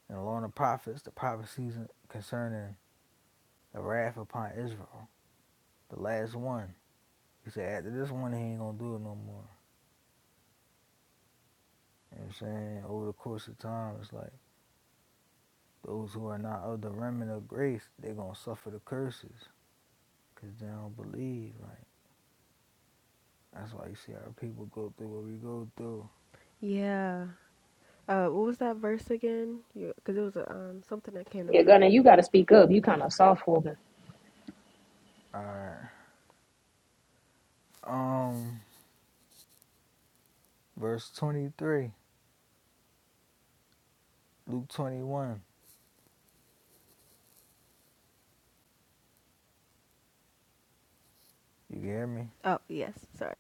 [SPEAKER 1] in the law and the prophets, the prophecies concerning the wrath upon Israel. The last one. He said after this one, he ain't gonna do it no more. You know what I'm saying? Over the course of time, it's like those who are not of the remnant of grace, they're gonna suffer the curses because they don't believe. Like that's why you see our people go through what we go through.
[SPEAKER 3] Yeah. Uh, what was that verse again? Because it was uh, um something that came to
[SPEAKER 2] Yeah,
[SPEAKER 3] mind.
[SPEAKER 2] Gunna, you gotta speak up. You kind of soft spoken.
[SPEAKER 1] All right. Um, verse 23, Luke 21. You hear me?
[SPEAKER 3] Oh yes, sorry.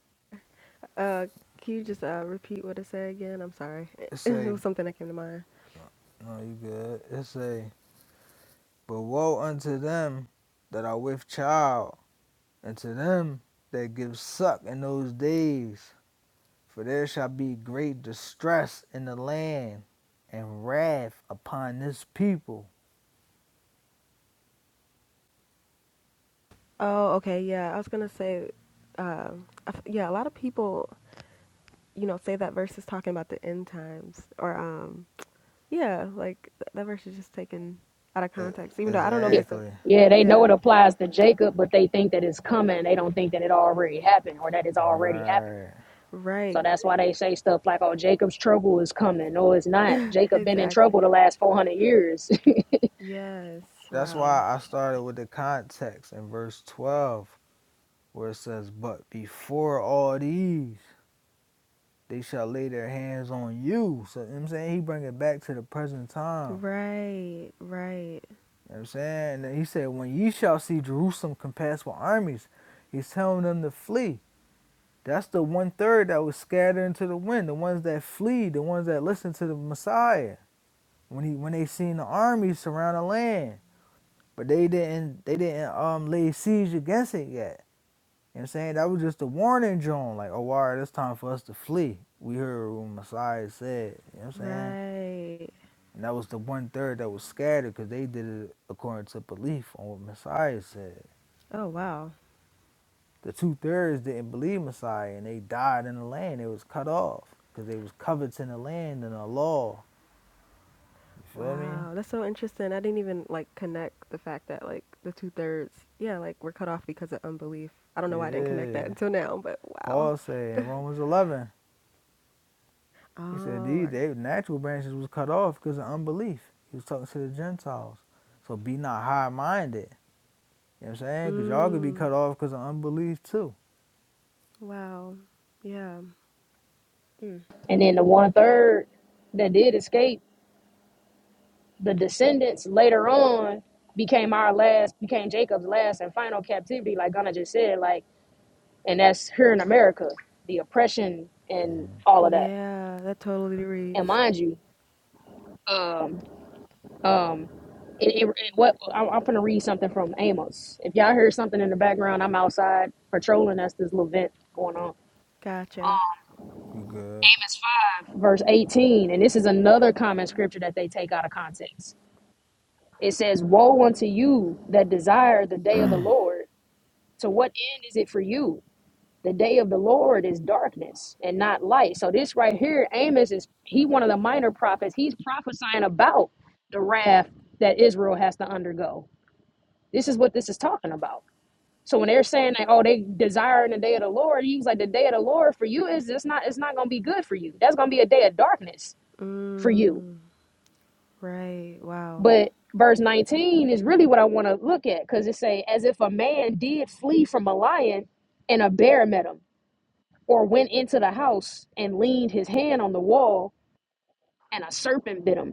[SPEAKER 3] Uh, can you just uh repeat what it said again? I'm sorry.
[SPEAKER 1] It
[SPEAKER 3] it
[SPEAKER 1] say,
[SPEAKER 3] was something that came to mind.
[SPEAKER 1] no, you good. It say, but woe unto them that are with child, and to them that give suck in those days For there shall be great distress in the land and wrath upon this people.
[SPEAKER 3] Oh, okay. Yeah, I was gonna say, um, I f- yeah, a lot of people, you know, say that verse is talking about the end times, or um, yeah, like th- that verse is just taken out of
[SPEAKER 1] E-
[SPEAKER 3] context. Even though I don't know if
[SPEAKER 2] Yeah,
[SPEAKER 3] it's a,
[SPEAKER 1] Exactly.
[SPEAKER 2] yeah, they know
[SPEAKER 3] yeah,
[SPEAKER 2] it applies to Jacob, but they think that it's coming. They don't think that it already happened or that it's already happening.
[SPEAKER 1] Right.
[SPEAKER 2] So
[SPEAKER 3] right,
[SPEAKER 2] that's why they say stuff like, "Oh, Jacob's trouble is coming." No, it's not. Jacob been in
[SPEAKER 3] exactly.
[SPEAKER 2] trouble the last four hundred years,
[SPEAKER 3] Yes.
[SPEAKER 1] That's
[SPEAKER 3] Wow.
[SPEAKER 1] why I started with the context in verse 12, where it says, But before all these, they shall lay their hands on you. So, you know what I'm saying? He bring it back to the present time. You know
[SPEAKER 3] Right. Right.
[SPEAKER 1] what I'm saying? And then he said, When ye shall see Jerusalem compassed with armies, he's telling them to flee. That's the one third that was scattered into the wind, the ones that flee, the ones that listened to the Messiah when he when they seen the army surround the land. But they didn't they didn't um lay siege against it yet. You know what I'm saying? That was just a warning drone, like, oh all right, it's time for us to flee. We heard what Messiah said, you know what I'm saying?
[SPEAKER 3] Right.
[SPEAKER 1] And that was the one third that was scattered because they did it according to belief on what Messiah said.
[SPEAKER 3] Oh, wow.
[SPEAKER 1] The two thirds didn't believe Messiah and they died in the land. They was cut off because they was coveting the land and the law. You feel me?
[SPEAKER 3] Wow, that's so interesting. I didn't even like connect the fact that like the two thirds, yeah, like we're cut off because of unbelief. I don't know why I didn't connect that
[SPEAKER 1] Yeah.
[SPEAKER 3] until now, but wow.
[SPEAKER 1] Paul said in Romans 11, he said
[SPEAKER 3] Oh,
[SPEAKER 1] these
[SPEAKER 3] I-
[SPEAKER 1] they, natural branches was cut off because of unbelief. He was talking to the Gentiles. So be not high minded. You know what I'm saying? Because y'all could be
[SPEAKER 3] mm,
[SPEAKER 1] cut off because of unbelief too.
[SPEAKER 3] wow. Yeah. Mm.
[SPEAKER 2] and then the one third that did escape, the descendants later on became our last, became Jacob's last and final captivity, like Gunna just said. Like, and that's here in America, the oppression and all of that.
[SPEAKER 3] Yeah, that totally
[SPEAKER 2] And
[SPEAKER 3] reads.
[SPEAKER 2] mind you, um, Um, it and- and what I'm, I'm gonna read something from Amos. If y'all hear something in the background, I'm outside patrolling. That's this little vent going on.
[SPEAKER 3] Gotcha.
[SPEAKER 1] You good.
[SPEAKER 2] Amos five, verse eighteen, and this is another common scripture that they take out of context. It says, "Woe unto you that desire the day of the Lord! To what end is it for you? The day of the Lord is darkness and not light." So this right here, Amos is he one of the minor prophets. He's prophesying about the wrath that Israel has to undergo This is what this is talking about. So when they're saying that, oh, they desiring the day of the Lord, he was like, the day of the Lord for you is it's not it's not gonna be good for you. That's gonna be a day of darkness for you.
[SPEAKER 3] Mm, right. Wow.
[SPEAKER 2] But verse 19 is really what I want to look at because it say, as if a man did flee from a lion and a bear met him, or went into the house and leaned his hand on the wall and a serpent bit him.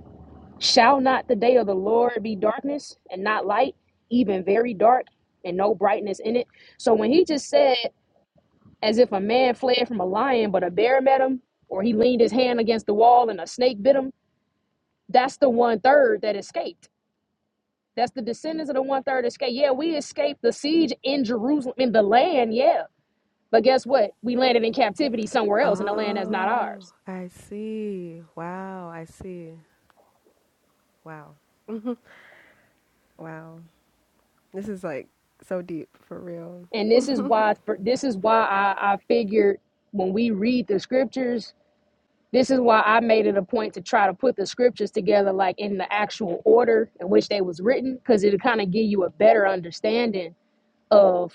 [SPEAKER 2] Shall not the day of the Lord be darkness and not light, even very dark and no brightness in it? So when he just said as if a man fled from a lion, but a bear met him, or he leaned his hand against the wall and a snake bit him. That's the one third that escaped. That's the descendants of the one third escape. Yeah, we escaped the siege in Jerusalem, in the land, yeah. But guess what? We landed in captivity somewhere else in a land that's not
[SPEAKER 3] Oh,
[SPEAKER 2] ours.
[SPEAKER 3] I see. Wow, I see. Wow. Wow. This is like so deep for real.
[SPEAKER 2] And this is why this is why I, I figured when we read the scriptures, this is why I made it a point to try to put the scriptures together like in the actual order in which they was written, because it'll kind of give you a better understanding of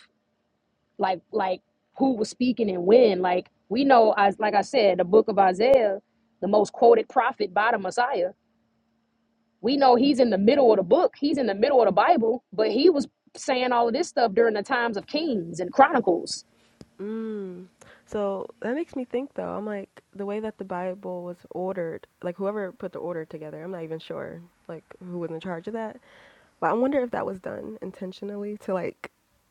[SPEAKER 2] like like who was speaking and when. Like we know, as like I said, the book of Isaiah, the most quoted prophet by the Messiah. We know he's in the middle of the book. He's in the middle of the Bible, but he was saying all of this stuff during the times of Kings and Chronicles.
[SPEAKER 3] Mm. So that makes me think though. I'm like the way that the Bible was ordered, like whoever put the order together, I'm not even sure like who was in charge of that But I wonder if that was done intentionally to like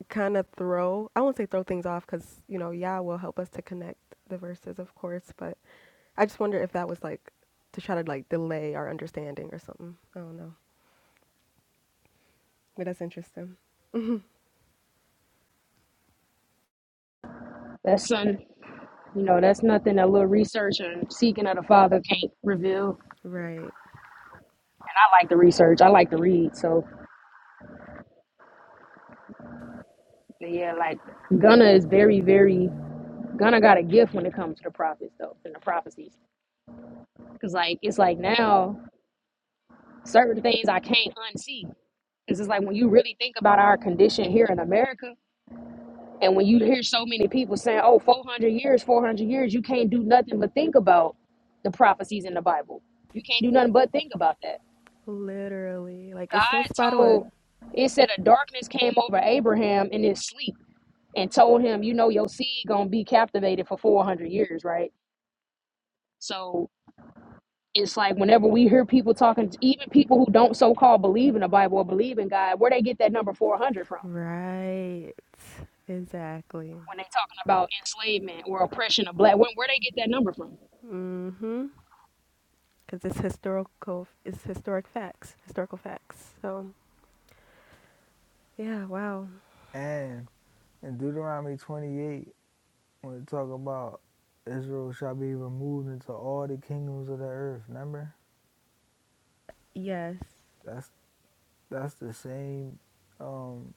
[SPEAKER 3] kind of throw, I won't say throw things off because, you know, Yah will help us to connect the verses, of course. But I just wonder if that was like to try to like delay our understanding or something. I don't know. But that's interesting.
[SPEAKER 2] That's son, you know, that's nothing a little research and seeking of the Father can't reveal. And
[SPEAKER 3] Right.
[SPEAKER 2] I like to research. I like to read. So yeah, like Gunna is very, very Gunna got a gift when it comes to the prophets though, and the prophecies. Cause like it's like now certain things I can't unsee. It's just like when you really think about our condition here in America, and when you hear so many people saying, oh, 400 years, 400 years, you can't do nothing but think about the prophecies in the Bible. You can't do nothing but think about that.
[SPEAKER 3] Literally. Like it's so
[SPEAKER 2] God
[SPEAKER 3] spot on.
[SPEAKER 2] told, it said a darkness came over Abraham in his sleep and told him, you know, your seed going to be captivated for 400 years, right? So it's like whenever we hear people talking, even people who don't so called believe in the Bible or believe in God, where they get that number 400 from?
[SPEAKER 3] Right. Exactly.
[SPEAKER 2] when they talking about enslavement or oppression of black women, where they get that number from right
[SPEAKER 3] Mhm. Cuz it's historical it's historic facts, historical facts. So, yeah, wow.
[SPEAKER 1] And in Deuteronomy 28, when it talk about Israel shall be removed into all the kingdoms of the earth, remember?
[SPEAKER 3] Yes.
[SPEAKER 1] That's that's the same um,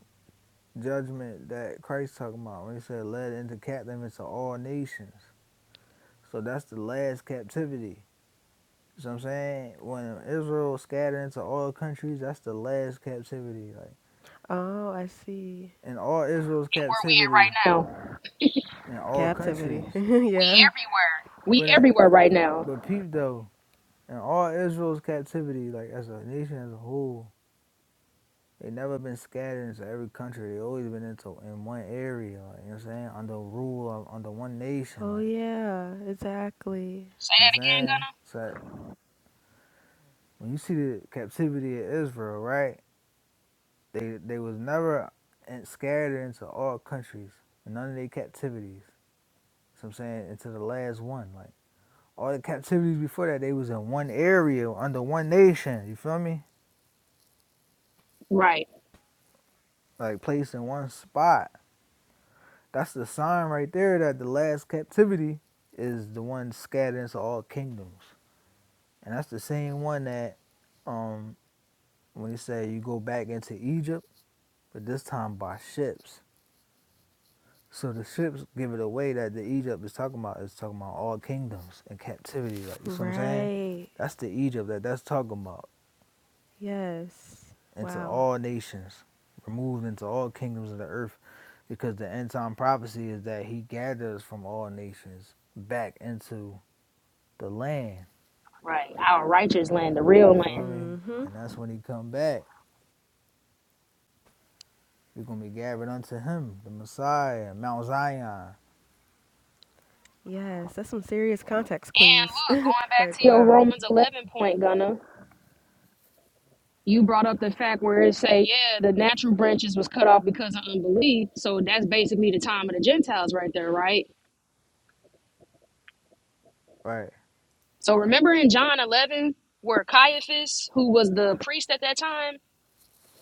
[SPEAKER 1] judgment that Christ talking about when he said led into captivity to all nations. So that's the last captivity. You know what I'm saying? When Israel scattered into all countries, that's the last captivity. Like
[SPEAKER 3] Oh, I see.
[SPEAKER 1] in all Israel's captivity
[SPEAKER 2] now.
[SPEAKER 1] in all
[SPEAKER 3] Captivity.
[SPEAKER 1] countries.
[SPEAKER 3] yeah.
[SPEAKER 2] We
[SPEAKER 1] But in,
[SPEAKER 2] everywhere right now.
[SPEAKER 1] but peep though, in all Israel's captivity, like as a nation as a whole, They never been scattered into every country. They always been into in one area, like, you know what I'm saying? Under rule of under one nation,
[SPEAKER 3] Oh,
[SPEAKER 1] like
[SPEAKER 3] yeah. Exactly.
[SPEAKER 2] Say
[SPEAKER 1] you know what I'm
[SPEAKER 2] that again,
[SPEAKER 1] saying?
[SPEAKER 2] Gunna.
[SPEAKER 1] So when you see the captivity of Israel, right? They they was never in- scattered into all countries. and None of their captivities. You what I'm saying? Into the last one. Like all the captivities before that, they was in one area under one nation. You feel me?
[SPEAKER 2] Right,
[SPEAKER 1] Like placed in one spot. That's the sign right there that the last captivity is the one scattered into all kingdoms. And that's the same one that um when he said you go back into Egypt, but this time by ships. So the ships give it away that the Egypt is talking about is talking about all kingdoms and captivity. Like you see what I'm saying?
[SPEAKER 3] Right.
[SPEAKER 1] That's the Egypt that that's talking about
[SPEAKER 3] Yes.
[SPEAKER 1] into
[SPEAKER 3] Wow.
[SPEAKER 1] all nations, removed into all kingdoms of the earth, because the end time prophecy is that he gathers from all nations back into the land.
[SPEAKER 2] right. Our righteous land, the real land.
[SPEAKER 1] Feel me?
[SPEAKER 3] Mm-hmm.
[SPEAKER 1] And that's when he come back. we gonna be gathered unto him, the Messiah, Mount Zion.
[SPEAKER 3] Yes. That's some serious context
[SPEAKER 2] And
[SPEAKER 3] clues.
[SPEAKER 2] look, going back
[SPEAKER 3] like,
[SPEAKER 2] to your
[SPEAKER 3] wow.
[SPEAKER 2] Romans eleven point, Gunna. You brought up the fact where it say, yeah, the natural branches was cut off because of unbelief. So that's basically the time of the Gentiles right there, right?
[SPEAKER 1] Right. I'm
[SPEAKER 2] So remember in John eleven where Caiaphas, who was the priest at that time,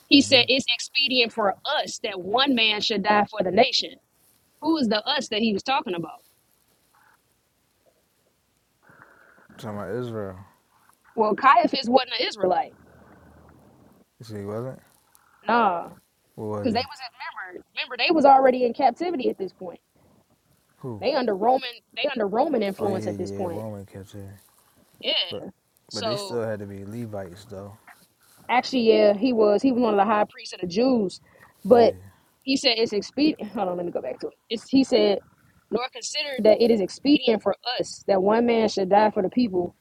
[SPEAKER 2] he said it's expedient for us that one man should die for the nation. Who is the us that he was talking about?
[SPEAKER 1] Talking about Israel.
[SPEAKER 2] Well, Caiaphas wasn't an Israelite.
[SPEAKER 1] You see, he wasn't?
[SPEAKER 2] Nah,
[SPEAKER 1] What was
[SPEAKER 2] because
[SPEAKER 1] he?
[SPEAKER 2] they was in, remember, remember they was already in captivity at this point.
[SPEAKER 1] Who?
[SPEAKER 2] They under Roman, they under Roman
[SPEAKER 1] Oh
[SPEAKER 2] influence
[SPEAKER 1] yeah,
[SPEAKER 2] at this
[SPEAKER 1] yeah,
[SPEAKER 2] point.
[SPEAKER 1] Roman kept here.
[SPEAKER 2] Yeah.
[SPEAKER 1] But but they
[SPEAKER 2] So
[SPEAKER 1] still had to be Levites though.
[SPEAKER 2] Actually, yeah, he was. He was one of the high priests of the Jews. But
[SPEAKER 1] Yeah.
[SPEAKER 2] he said it's expedient. Hold on, let me go back to it. It's, he said, nor consider that it is expedient for us that one man should die for the people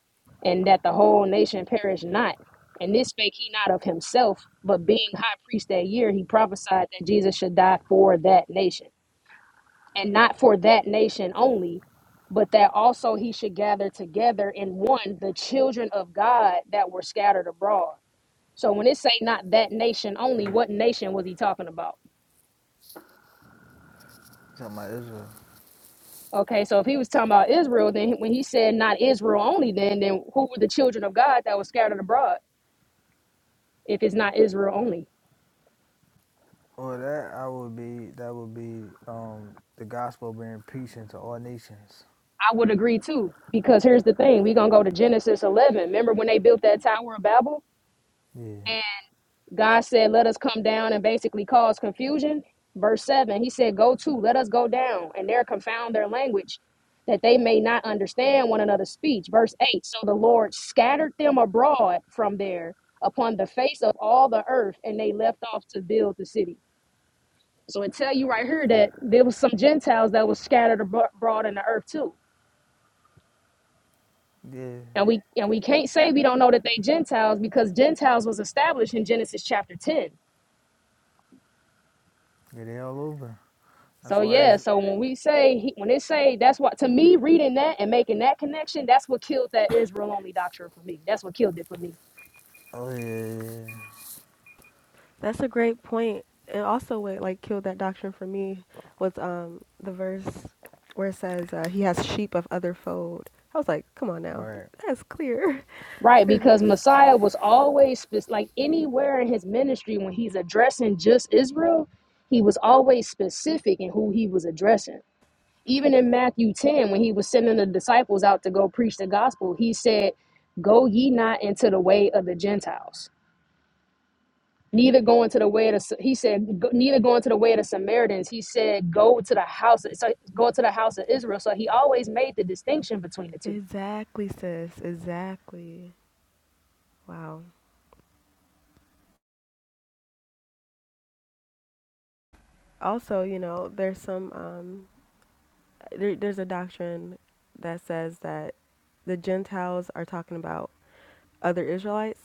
[SPEAKER 2] and that the whole nation perish not. And this spake he not of himself, but being high priest that year, he prophesied that Jesus should die for that nation. And not for that nation only, but that also he should gather together in one the children of God that were scattered abroad. So when it say not that nation only, what nation was he talking about?
[SPEAKER 1] Talking about Israel.
[SPEAKER 2] Okay, so if he was talking about Israel, then when he said not Israel only, then then who were the children of God that was scattered abroad? If it's not Israel only,
[SPEAKER 1] Well that I would be that would be um the gospel being preached into all nations.
[SPEAKER 2] I would agree too. Because here's the thing: we're gonna go to Genesis 11. Remember when they built that Tower of Babel?
[SPEAKER 1] Yeah.
[SPEAKER 2] God said, Let us come down and basically cause confusion. Verse 7, he said, Go to, let us go down, and there confound their language, that they may not understand one another's speech. Verse 8, so the Lord scattered them abroad from there upon the face of all the earth, and they left off to build the city. So it tell you right here that there was some Gentiles that was scattered abro- abroad in the earth too.
[SPEAKER 1] Yeah.
[SPEAKER 2] And we and we can't say we don't know that they Gentiles because Gentiles was established in Genesis chapter 10
[SPEAKER 1] Yeah, they all over. That's
[SPEAKER 2] So
[SPEAKER 1] why
[SPEAKER 2] yeah,
[SPEAKER 1] he's
[SPEAKER 2] so when we say he, when it say that's what to me reading that and making that connection, that's what killed that Israel only doctrine for me. That's what killed it for me.
[SPEAKER 1] oh yeah, yeah, yeah.
[SPEAKER 3] That's a great point. And also what, like, killed that doctrine for me was um the verse where it says, uh, he has sheep of other fold. I was like, come on now.
[SPEAKER 1] Right.
[SPEAKER 3] That's clear.
[SPEAKER 2] Right, because Messiah was always spec- like anywhere in his ministry when he's addressing just Israel, he was always specific in who he was addressing. Even in Matthew 10 when he was sending the disciples out to go preach the gospel, he said, "Go ye not into the way of the Gentiles." neither going to the way of the, he said go- neither going to the way of the samaritans he said go to the house so go to the house of israel so he always made the distinction between the two
[SPEAKER 3] exactly, sis. Exactly. Wow. Also, you know, there's some um there, there's a doctrine that says that the Gentiles are talking about other Israelites,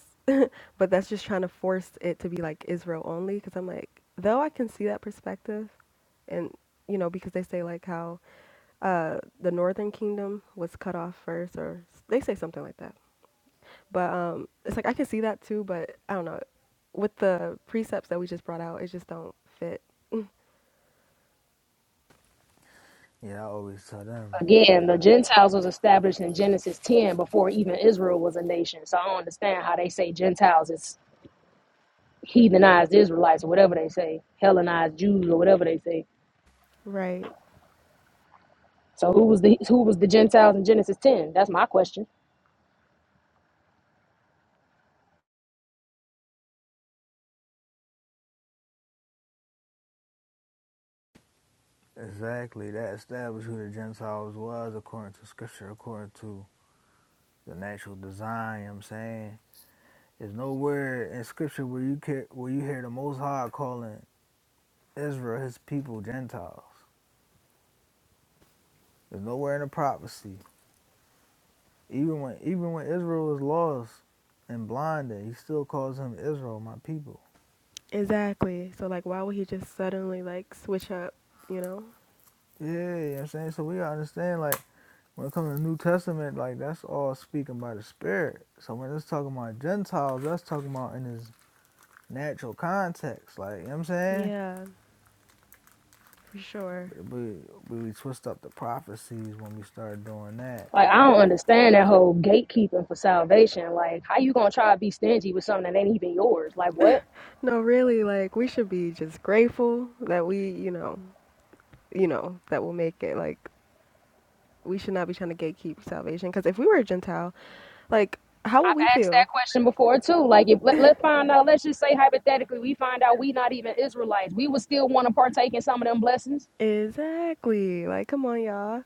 [SPEAKER 3] but that's just trying to force it to be like Israel only. Because I'm like, though I can see that perspective, and you know, because they say like how uh, the Northern Kingdom was cut off first, or s- they say something like that. But um, it's like I can see that too, but I don't know. With the precepts that we just brought out, it just don't fit.
[SPEAKER 1] Yeah, I always tell them
[SPEAKER 2] again the gentiles was established in genesis 10 before even israel was a nation so i don't understand how they say gentiles is heathenized israelites or whatever they say hellenized jews or whatever they say
[SPEAKER 3] Right.
[SPEAKER 2] so who was the who was the gentiles in genesis 10 that's my question
[SPEAKER 1] Exactly. That established who the Gentiles was according to scripture, according to the natural design, you know what I'm saying? There's nowhere in scripture where you care, where you hear the most high calling Israel his people Gentiles. There's nowhere in the prophecy. Even when even when Israel was lost and blinded, he still calls him Israel, my people.
[SPEAKER 3] Exactly. So like, why would he just suddenly like switch up? You know?
[SPEAKER 1] Yeah, you know what I'm saying? So we gotta understand like when it comes to the New Testament, like that's all speaking by the Spirit. So when it's talking about Gentiles, that's talking about in His natural context. Like, you know what I'm saying?
[SPEAKER 3] Yeah. for sure.
[SPEAKER 1] But, we we twist up the prophecies when we start doing that.
[SPEAKER 2] like I don't understand that whole gatekeeping for salvation. Like, how you gonna try to be stingy with something that ain't even yours? Like, what?
[SPEAKER 3] No, really, like we should be just grateful that we, you know, you know, that we'll make it. Like we should not be trying to gatekeep salvation because if we were a Gentile, like how would
[SPEAKER 2] I've
[SPEAKER 3] we
[SPEAKER 2] asked that
[SPEAKER 3] feel?
[SPEAKER 2] question before too. Like, if let, let's find out, let's just say hypothetically, we find out we not even Israelites, we would still want to partake in some of them blessings.
[SPEAKER 3] Exactly. Like come on, y'all.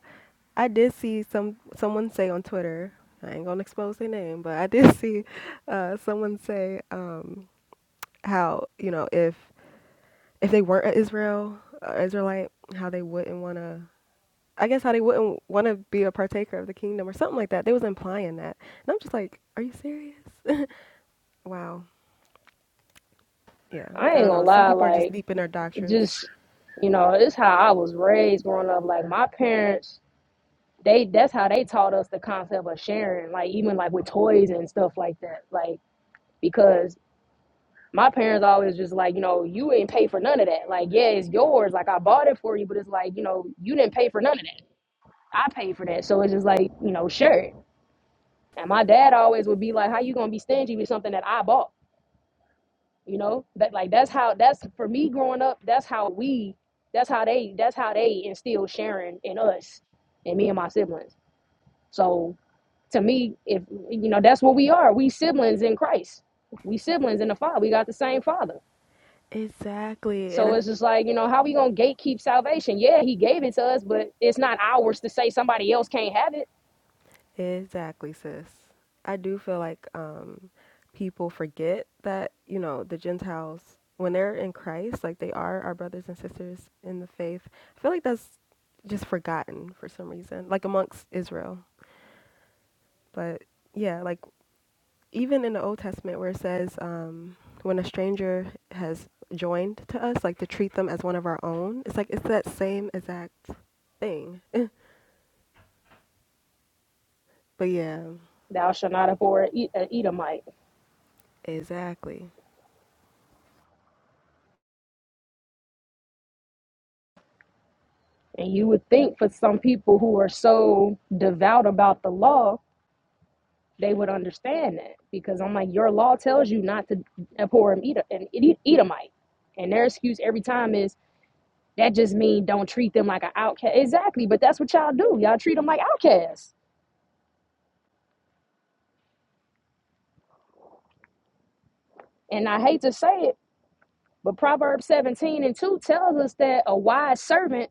[SPEAKER 3] I did see some someone say on Twitter. I ain't gonna expose their name, but I did see uh, someone say um, how you know if if they weren't a Israel uh, Israelite, how they wouldn't want to I guess how they wouldn't want to be a partaker of the kingdom or something like that. They was implying that. And I'm just like, are you serious? Wow. Yeah.
[SPEAKER 2] I
[SPEAKER 3] I
[SPEAKER 2] ain't
[SPEAKER 3] don't
[SPEAKER 2] gonna
[SPEAKER 3] know. Some
[SPEAKER 2] lie,
[SPEAKER 3] people are just
[SPEAKER 2] like,
[SPEAKER 3] deep in their doctrines.
[SPEAKER 2] just you know, it's how I was raised growing up. Like, my parents, they that's how they taught us the concept of sharing, like, even like with toys and stuff like that. Like, because my parents always just like, you know, you ain't pay for none of that. Like, yeah, it's yours. Like, I bought it for you, but it's like, you know, you didn't pay for none of that. I paid for that. So it's just like, you know, share it And my dad always would be like, "How you gonna be stingy with something that I bought?" You know, that like that's how that's for me growing up. That's how we, that's how they, that's how they instill sharing in us, and me and my siblings. So to me, if you know, that's what we are. We siblings in Christ. We siblings in the Father. We got the same Father.
[SPEAKER 3] Exactly. And
[SPEAKER 2] So
[SPEAKER 3] I
[SPEAKER 2] it's
[SPEAKER 3] f-
[SPEAKER 2] just like you know, how we gonna gatekeep salvation? Yeah, He gave it to us, but it's not ours to say somebody else can't have it.
[SPEAKER 3] exactly, sis. I do feel like um people forget that, you know, the Gentiles when they're in Christ, like they are our brothers and sisters in the faith. I feel like that's just forgotten for some reason, like amongst Israel. But yeah, like even in the Old Testament where it says um, when a stranger has joined to us, like to treat them as one of our own, it's like it's that same exact thing. But yeah,
[SPEAKER 2] Thou shalt not abhor an Edomite.
[SPEAKER 3] exactly.
[SPEAKER 2] And you would think for some people who are so devout about the law, they would understand that because I'm like, your law tells you not to abhor and eat an Ed- Edomite, and their excuse every time is that just means don't treat them like an outcast. Exactly, but that's what y'all do. Y'all treat them like outcasts. And I hate to say it, but Proverbs 17 and 2 tells us that a wise servant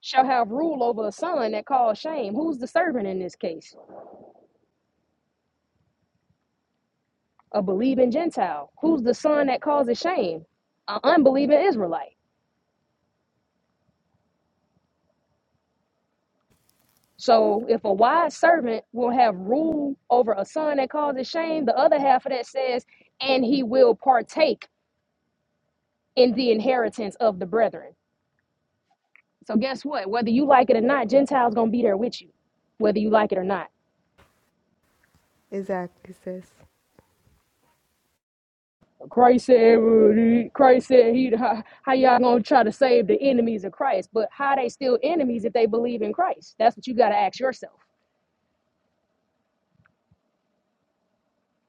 [SPEAKER 2] shall have rule over a son that calls shame. Who's the servant in this case? a believing Gentile? Who's the son that causes shame? An unbelieving Israelite. So if a wise servant will have rule over a son that causes shame, the other half of that says, and he will partake in the inheritance of the brethren. So guess what? Whether you like it or not, Gentiles gonna be there with you, whether you like it or not.
[SPEAKER 3] Exactly, sis.
[SPEAKER 2] Christ said, Christ said, he, how, how y'all gonna try to save the enemies of Christ? But how are they still enemies if they believe in Christ? That's what you gotta ask yourself.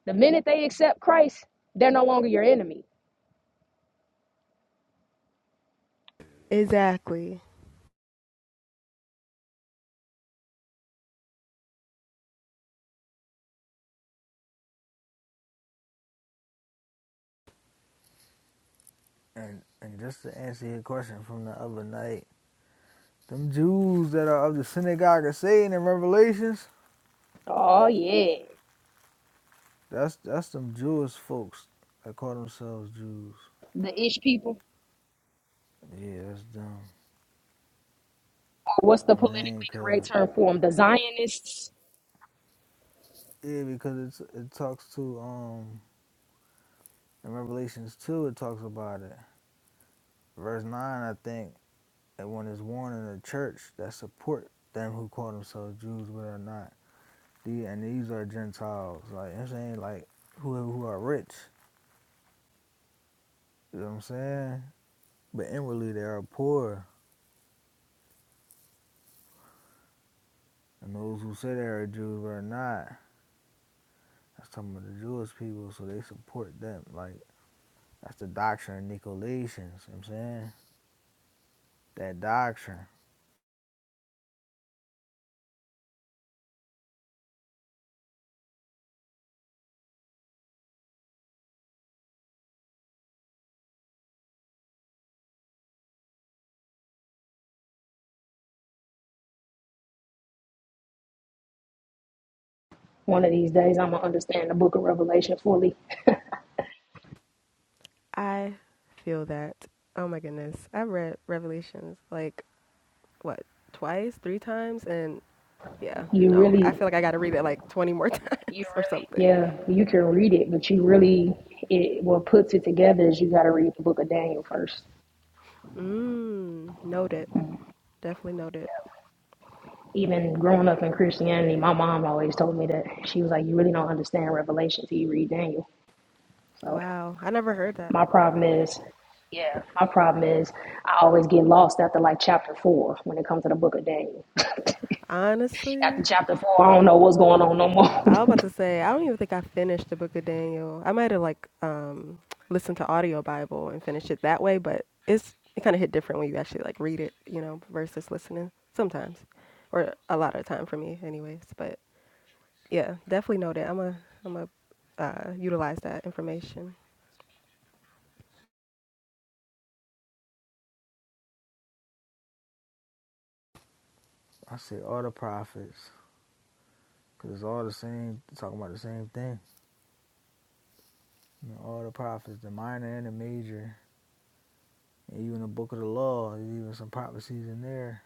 [SPEAKER 2] The minute they accept Christ, they're no longer your enemy.
[SPEAKER 3] Exactly.
[SPEAKER 1] And and just to answer your question from the other night, them Jews that are of the synagogue of Satan in Revelations,
[SPEAKER 2] Oh yeah.
[SPEAKER 1] that's that's them Jewish folks that call themselves Jews.
[SPEAKER 2] The ish people.
[SPEAKER 1] Yeah, that's dumb.
[SPEAKER 2] What's the
[SPEAKER 1] You know what I'm saying?
[SPEAKER 2] politically
[SPEAKER 1] Cause,
[SPEAKER 2] correct term for them? The Zionists.
[SPEAKER 1] yeah, because it's, it talks to, um, in Revelations 2, it talks about it. Verse 9, I think, that one is warned in the church that support them who call themselves Jews but are not. The, and these are Gentiles, like I'm saying, like whoever who are rich, you know what I'm saying? But inwardly they are poor. And those who say they are Jews but are not, that's talking about the Jewish people, so they support them. Like that's the doctrine of Nicolaitans, you know what I'm saying? That doctrine.
[SPEAKER 2] One of these days I'm gonna understand the book of Revelation fully.
[SPEAKER 3] I feel that. Oh my goodness. I have read Revelations like what, twice, three times and yeah,
[SPEAKER 2] You
[SPEAKER 3] no. I
[SPEAKER 2] really
[SPEAKER 3] feel like I got to read it like 20 more times or something.
[SPEAKER 2] yeah, you can read it, but you really it what puts it together is you gotta read the book of Daniel first.
[SPEAKER 3] Mm, noted. Definitely noted.
[SPEAKER 2] Even growing up in Christianity, my mom always told me that she was like, You really don't understand Revelation till you read Daniel. So
[SPEAKER 3] Wow. I never heard that.
[SPEAKER 2] my problem is My problem is I always get lost after like chapter four when it comes to the book of Daniel. After
[SPEAKER 3] Honestly,
[SPEAKER 2] chapter four, I don't know what's going on no
[SPEAKER 3] I was
[SPEAKER 2] more.
[SPEAKER 3] about to say I don't even think I finished the book of Daniel. I might have like um listened to audio Bible and finished it that way, but it's it kind of hit different when you actually like read it, you know, versus listening sometimes, or a lot of time for me, anyways. But yeah, definitely know that I'm a I'm a uh, utilize that information.
[SPEAKER 1] I say all the prophets, because it's all the same, talking about the same thing. You know, all the prophets, the minor and the major, And even the book of the law, there's even some prophecies in there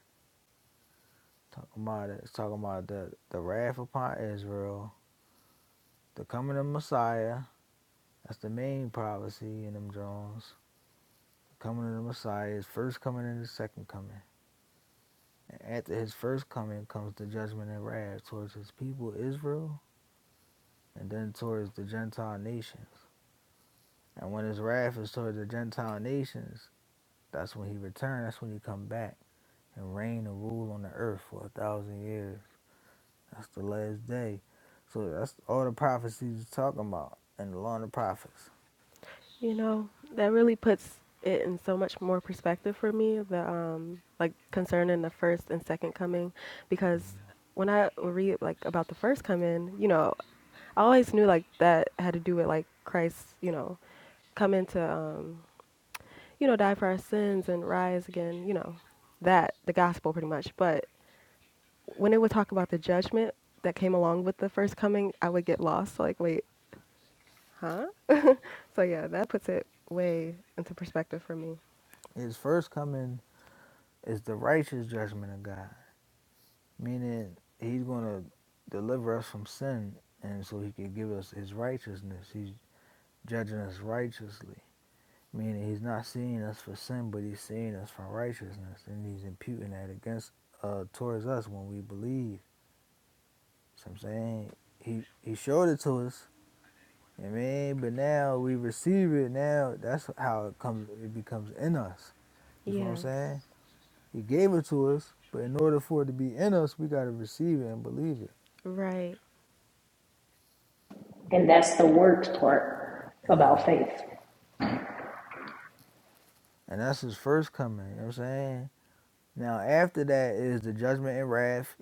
[SPEAKER 1] talking about it. It's talking about the, the wrath upon Israel, the coming of Messiah. That's the main prophecy in them Jones. The Coming of the Messiah, is first coming and the second coming. And after his first coming comes the judgment and wrath towards his people Israel and then towards the Gentile nations. And when his wrath is towards the Gentile nations, that's when he returns, that's when he come back and reign and rule on the earth for a thousand years. That's the last day. So that's all the prophecies is talking about in the law and the prophets.
[SPEAKER 3] You know, that really puts it in so much more perspective for me, the um like concerning the first and second coming because when I read like about the first coming, you know, I always knew like that had to do with like Christ, you know, coming to um, you know, die for our sins and rise again, you know, that the gospel pretty much. But when it would talk about the judgment that came along with the first coming, I would get lost. Like, wait, huh? So yeah, that puts it way into perspective for me.
[SPEAKER 1] His first coming is the righteous judgment of God, meaning he's going to deliver us from sin and so he can give us his righteousness. He's judging us righteously, meaning he's not seeing us for sin, but he's seeing us for righteousness and he's imputing that against uh, towards us when we believe. So I'm saying he, he showed it to us You know what I mean, but now we receive it. Now that's how it comes. It becomes in us. You feel what I'm
[SPEAKER 3] Yes.
[SPEAKER 1] saying? He gave it to us, but in order for it to be in us, we gotta receive it and believe it.
[SPEAKER 3] Right.
[SPEAKER 2] and that's the worst part about faith.
[SPEAKER 1] And that's his first coming. You know what I'm saying? Now after that is the judgment and wrath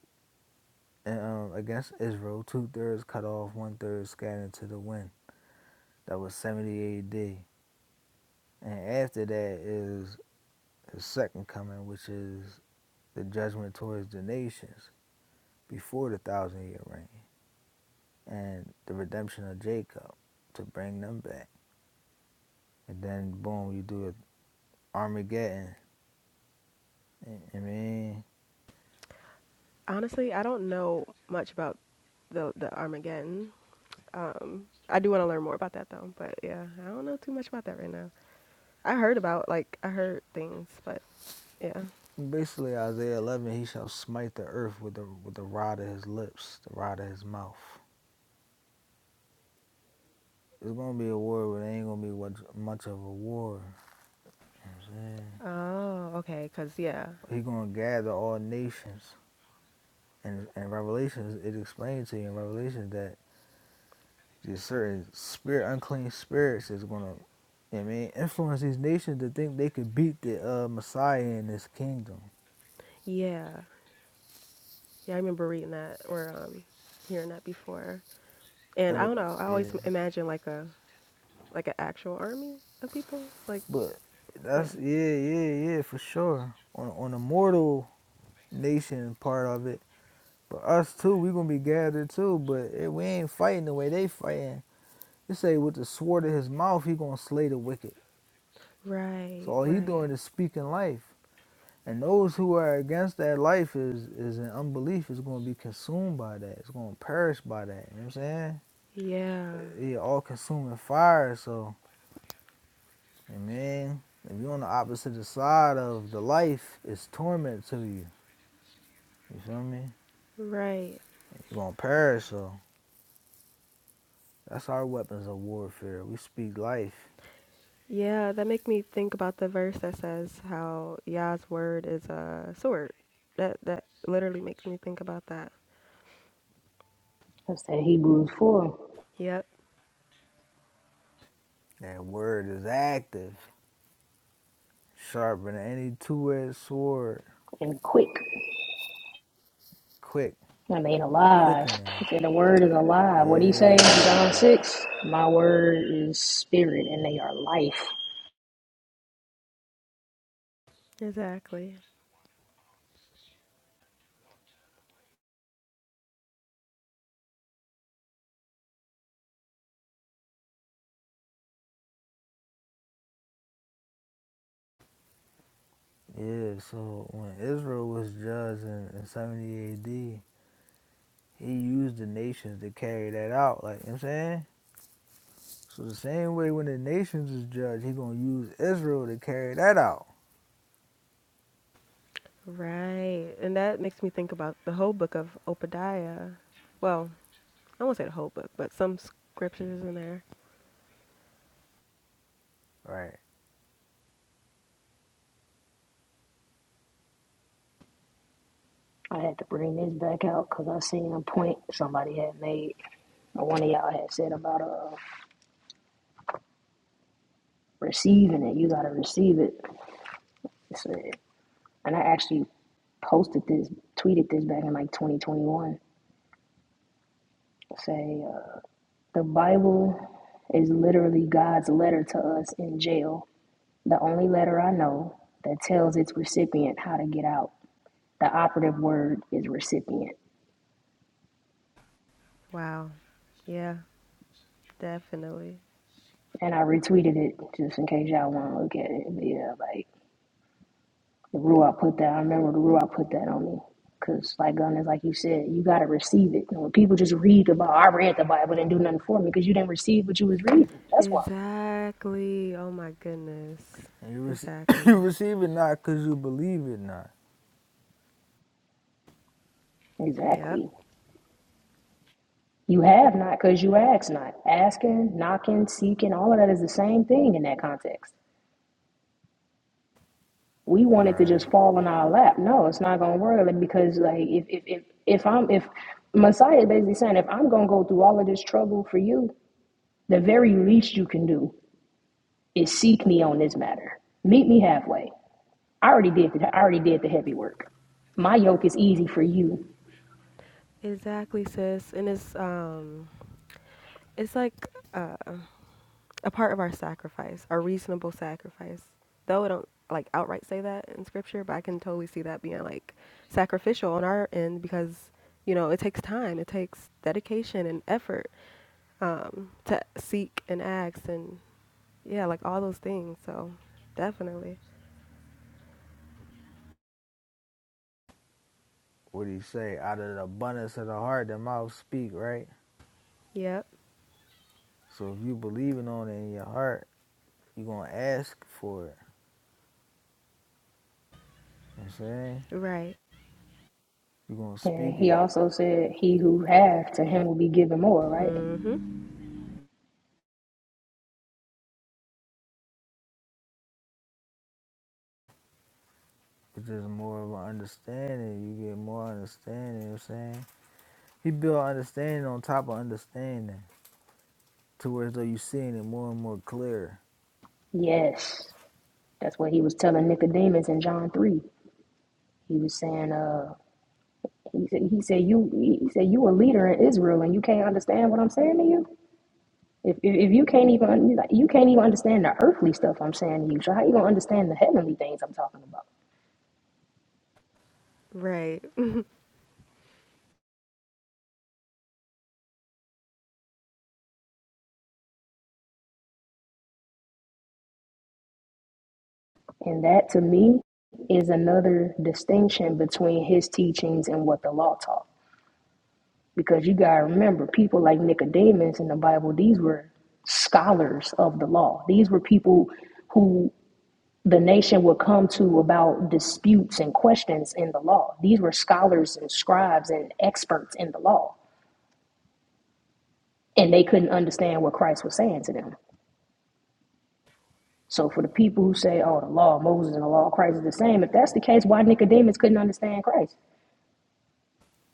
[SPEAKER 1] and, um, against Israel. Two thirds cut off, one third scattered to the wind. That was 70 A.D. And after that is his second coming, which is the judgment towards the nations before the thousand year reign. and the redemption of Jacob to bring them back. And then boom, you do Armageddon. I mean,
[SPEAKER 3] Honestly, I don't know much about the the Armageddon. Um, I do want to learn more about that though. But yeah, I don't know too much about that right now. I heard about like I heard things, but yeah.
[SPEAKER 1] basically Isaiah 11, he shall smite the earth with the with the rod of his lips, the rod of his mouth. It's gonna be a war, but it ain't gonna be what- much of a war. You know what I'm saying?
[SPEAKER 3] Oh, okay. Cause yeah,
[SPEAKER 1] He gonna gather all nations. And in Revelations, it explains to you in Revelations that Just certain spirit, unclean spirits is gonna, I mean, influence these nations to think they could beat the uh, Messiah in this kingdom.
[SPEAKER 3] yeah, yeah. I remember reading that or um, hearing that before. And
[SPEAKER 1] And
[SPEAKER 3] I
[SPEAKER 1] with
[SPEAKER 3] don't know. I
[SPEAKER 1] yeah,
[SPEAKER 3] always m- imagine like a like an actual army of people. Like
[SPEAKER 1] but that's
[SPEAKER 3] yeah.
[SPEAKER 1] yeah, yeah, yeah, for sure. On on the mortal nation part of it, but us too, we gonna be gathered too. But eh, we ain't fighting the way they fighting. They say with the sword of his mouth, he gonna slay the wicked. So
[SPEAKER 3] Right.
[SPEAKER 1] all he
[SPEAKER 3] Right.
[SPEAKER 1] doing is speaking life. And those who are against that life is is in unbelief is going to be consumed by that. It's going to perish by that. You know what I'm saying?
[SPEAKER 3] Yeah.
[SPEAKER 1] It all consuming fire. So, I mean, if you're on the opposite side of the life, it's torment to you. You feel me?
[SPEAKER 3] Right.
[SPEAKER 1] You're going to perish. So, that's our weapons of warfare. We speak life.
[SPEAKER 3] Yeah, that make me think about the verse that says how Yah's word is a sword. That that literally makes me think about that.
[SPEAKER 2] That's that Hebrews 4
[SPEAKER 3] Yep,
[SPEAKER 1] That word is active, sharper than any two-edged sword,
[SPEAKER 2] and quick.
[SPEAKER 1] quick,
[SPEAKER 2] I mean, alive. He
[SPEAKER 1] quickening.
[SPEAKER 2] said the word is alive. What do you say in John
[SPEAKER 1] Yeah.
[SPEAKER 2] 6? My word is spirit and they are life.
[SPEAKER 3] exactly.
[SPEAKER 1] Yeah, so when Israel was judged in, in 70 AD, he used the nations to carry that out. Like, you know what I'm saying? So the same way when the nations is judged, he going to use Israel to carry that out.
[SPEAKER 3] Right. And that makes me think about the whole book of Obadiah. Well, I won't say the whole book, but some scriptures in there.
[SPEAKER 1] Right.
[SPEAKER 2] I had to bring this back out because I seen a point somebody had made, or one of y'all had said about uh receiving it. You gotta receive it. It said- and I actually posted this, tweeted this back in like 2021. Say, uh, the Bible is literally God's letter to us in jail, the only letter I know that tells its recipient how to get out. The operative word is recipient.
[SPEAKER 3] Wow. Yeah, definitely.
[SPEAKER 2] And I retweeted it just in case y'all want to look at it. But yeah, like the Ruach put that, I remember the Ruach put that on me. Because, like gun is like you said, you got to receive it. And when people just read the Bible, I read the Bible, didn't do nothing for me because you didn't receive what you was reading. That's why.
[SPEAKER 3] Exactly. Oh my goodness.
[SPEAKER 1] And you, rec-
[SPEAKER 3] Exactly.
[SPEAKER 1] you receive it not because you believe it not.
[SPEAKER 3] Yep.
[SPEAKER 2] Exactly. You have not because you ask not. Asking, knocking, seeking, all of that is the same thing in that context. We want it to
[SPEAKER 1] right?
[SPEAKER 2] just fall on our lap. No, it's not gonna work like, because like if if if, if I'm if Messiah is basically saying if I'm gonna go through all of this trouble for you, the very least you can do is seek me on this matter. Meet me halfway. I already did the I already did the heavy work. My yoke is easy for you.
[SPEAKER 3] Exactly, sis. And it's um it's like uh a part of our sacrifice, our reasonable sacrifice. Though I don't like outright say that in scripture, but I can totally see that being like sacrificial on our end because you know it takes time, it takes dedication and effort um, to seek and ask and yeah, like all those things. So definitely,
[SPEAKER 1] What he say? Out of the abundance of the heart, the mouth speak, right?
[SPEAKER 3] yep,
[SPEAKER 1] So if you believing on it in your heart, you going to ask for it. You know what I'm saying?
[SPEAKER 3] right,
[SPEAKER 1] you going to
[SPEAKER 2] And
[SPEAKER 1] speak
[SPEAKER 2] he
[SPEAKER 1] it
[SPEAKER 2] also said, He who have to him will be given more, right?
[SPEAKER 3] mhm,
[SPEAKER 1] It's just more of an understanding. You get more understanding, you know what I'm saying? He built understanding on top of understanding. To where as though you seeing it more and more clear.
[SPEAKER 2] Yes. That's what he was telling Nicodemus in John three. He was saying, uh, he said, he said you, he said you a leader in Israel, and you can't understand what I'm saying to you. If if, if you can't even like, you can't even understand the earthly stuff I'm saying to you, so how you gonna understand the heavenly things I'm talking about?
[SPEAKER 3] right,
[SPEAKER 2] And that to me is another distinction between his teachings and what the law taught. Because you gotta remember, people like Nicodemus in the Bible, these were scholars of the law. These were people who the nation would come to about disputes and questions in the law. These were scholars and scribes and experts in the law, and they couldn't understand what Christ was saying to them. So, for the people who say, oh, the law of Moses and the law of Christ is the same, if that's the case, why Nicodemus couldn't understand Christ?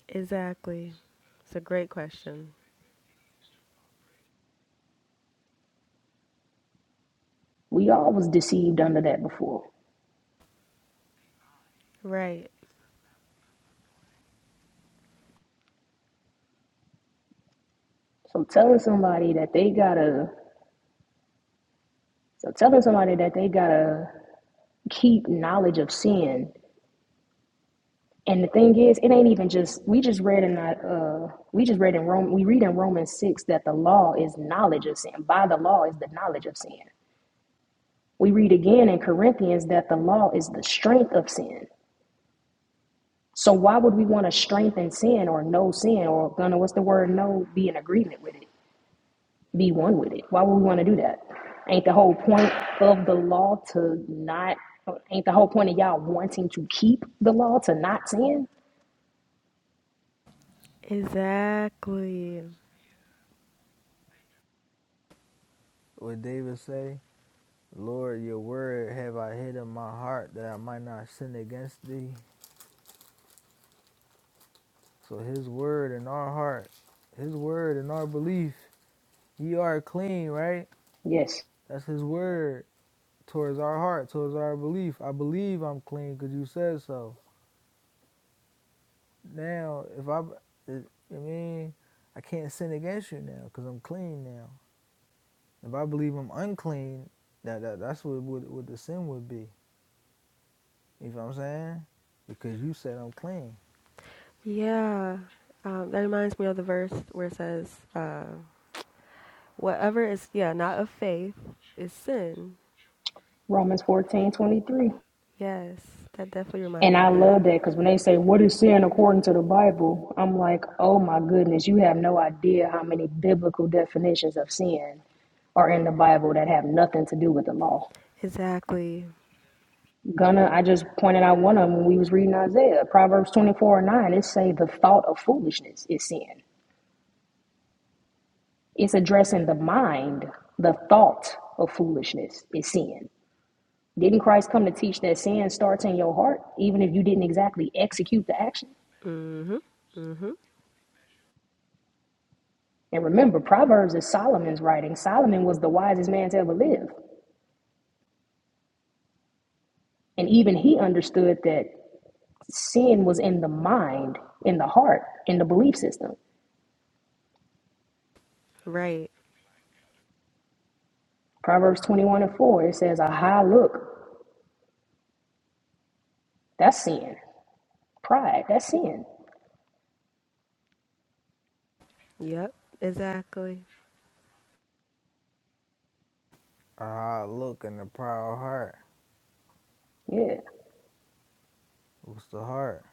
[SPEAKER 3] exactly. It's a great question.
[SPEAKER 2] We all was deceived under that before.
[SPEAKER 3] Right,
[SPEAKER 2] So, telling somebody that they gotta so telling somebody that they gotta keep knowledge of sin And the thing is, it ain't even just we just read in uh we just read in Rome we read in Romans six that the law is knowledge of sin. By the law is the knowledge of sin. We read again in Corinthians that the law is the strength of sin. So why would we want to strengthen sin or know sin or gonna what's the word know be in agreement with it, be one with it? Why would we want to do that? Ain't the whole point of the law to not ain't the whole point of y'all wanting to keep the law to not sin?
[SPEAKER 3] exactly.
[SPEAKER 1] What David say, Lord, your word have I hid in my heart that I might not sin against thee. So his word in our heart, his word in our belief, ye are clean, right?
[SPEAKER 2] Yes.
[SPEAKER 1] That's his word towards our heart, towards our belief. I believe I'm clean because you said so. now if I, if, I mean, I can't sin against you now because I'm clean now. If I believe I'm unclean, that, that that's what, what what the sin would be. You know what I'm saying? Because you said I'm clean.
[SPEAKER 3] Yeah, um, that reminds me of the verse where it says, uh, "Whatever is yeah not of faith is sin."
[SPEAKER 2] Romans fourteen twenty three.
[SPEAKER 3] Yes, that definitely remind
[SPEAKER 2] And
[SPEAKER 3] me
[SPEAKER 2] I
[SPEAKER 3] of that.
[SPEAKER 2] love that because when they say, What is sin according to the Bible? I'm like, Oh my goodness, you have no idea how many biblical definitions of sin are in the Bible that have nothing to do with the law.
[SPEAKER 3] Exactly.
[SPEAKER 2] Gunna, I just pointed out one of them when we was reading Isaiah. Proverbs 24 and 9, it say the thought of foolishness is sin. It's addressing the mind, the thought of foolishness is sin. Didn't Christ come to teach that sin starts in your heart, even if you didn't exactly execute the action?
[SPEAKER 3] Mm Mhm. Mm Mhm.
[SPEAKER 2] And remember, Proverbs is Solomon's writing. Solomon was the wisest man to ever live. And even he understood that sin was in the mind, in the heart, in the belief system.
[SPEAKER 3] Right.
[SPEAKER 2] Proverbs 21 and 4, it says, A high look, that's sin. Pride, that's sin.
[SPEAKER 3] Yep. Exactly.
[SPEAKER 1] A hard look and a proud heart.
[SPEAKER 2] Yeah,
[SPEAKER 1] What's the heart?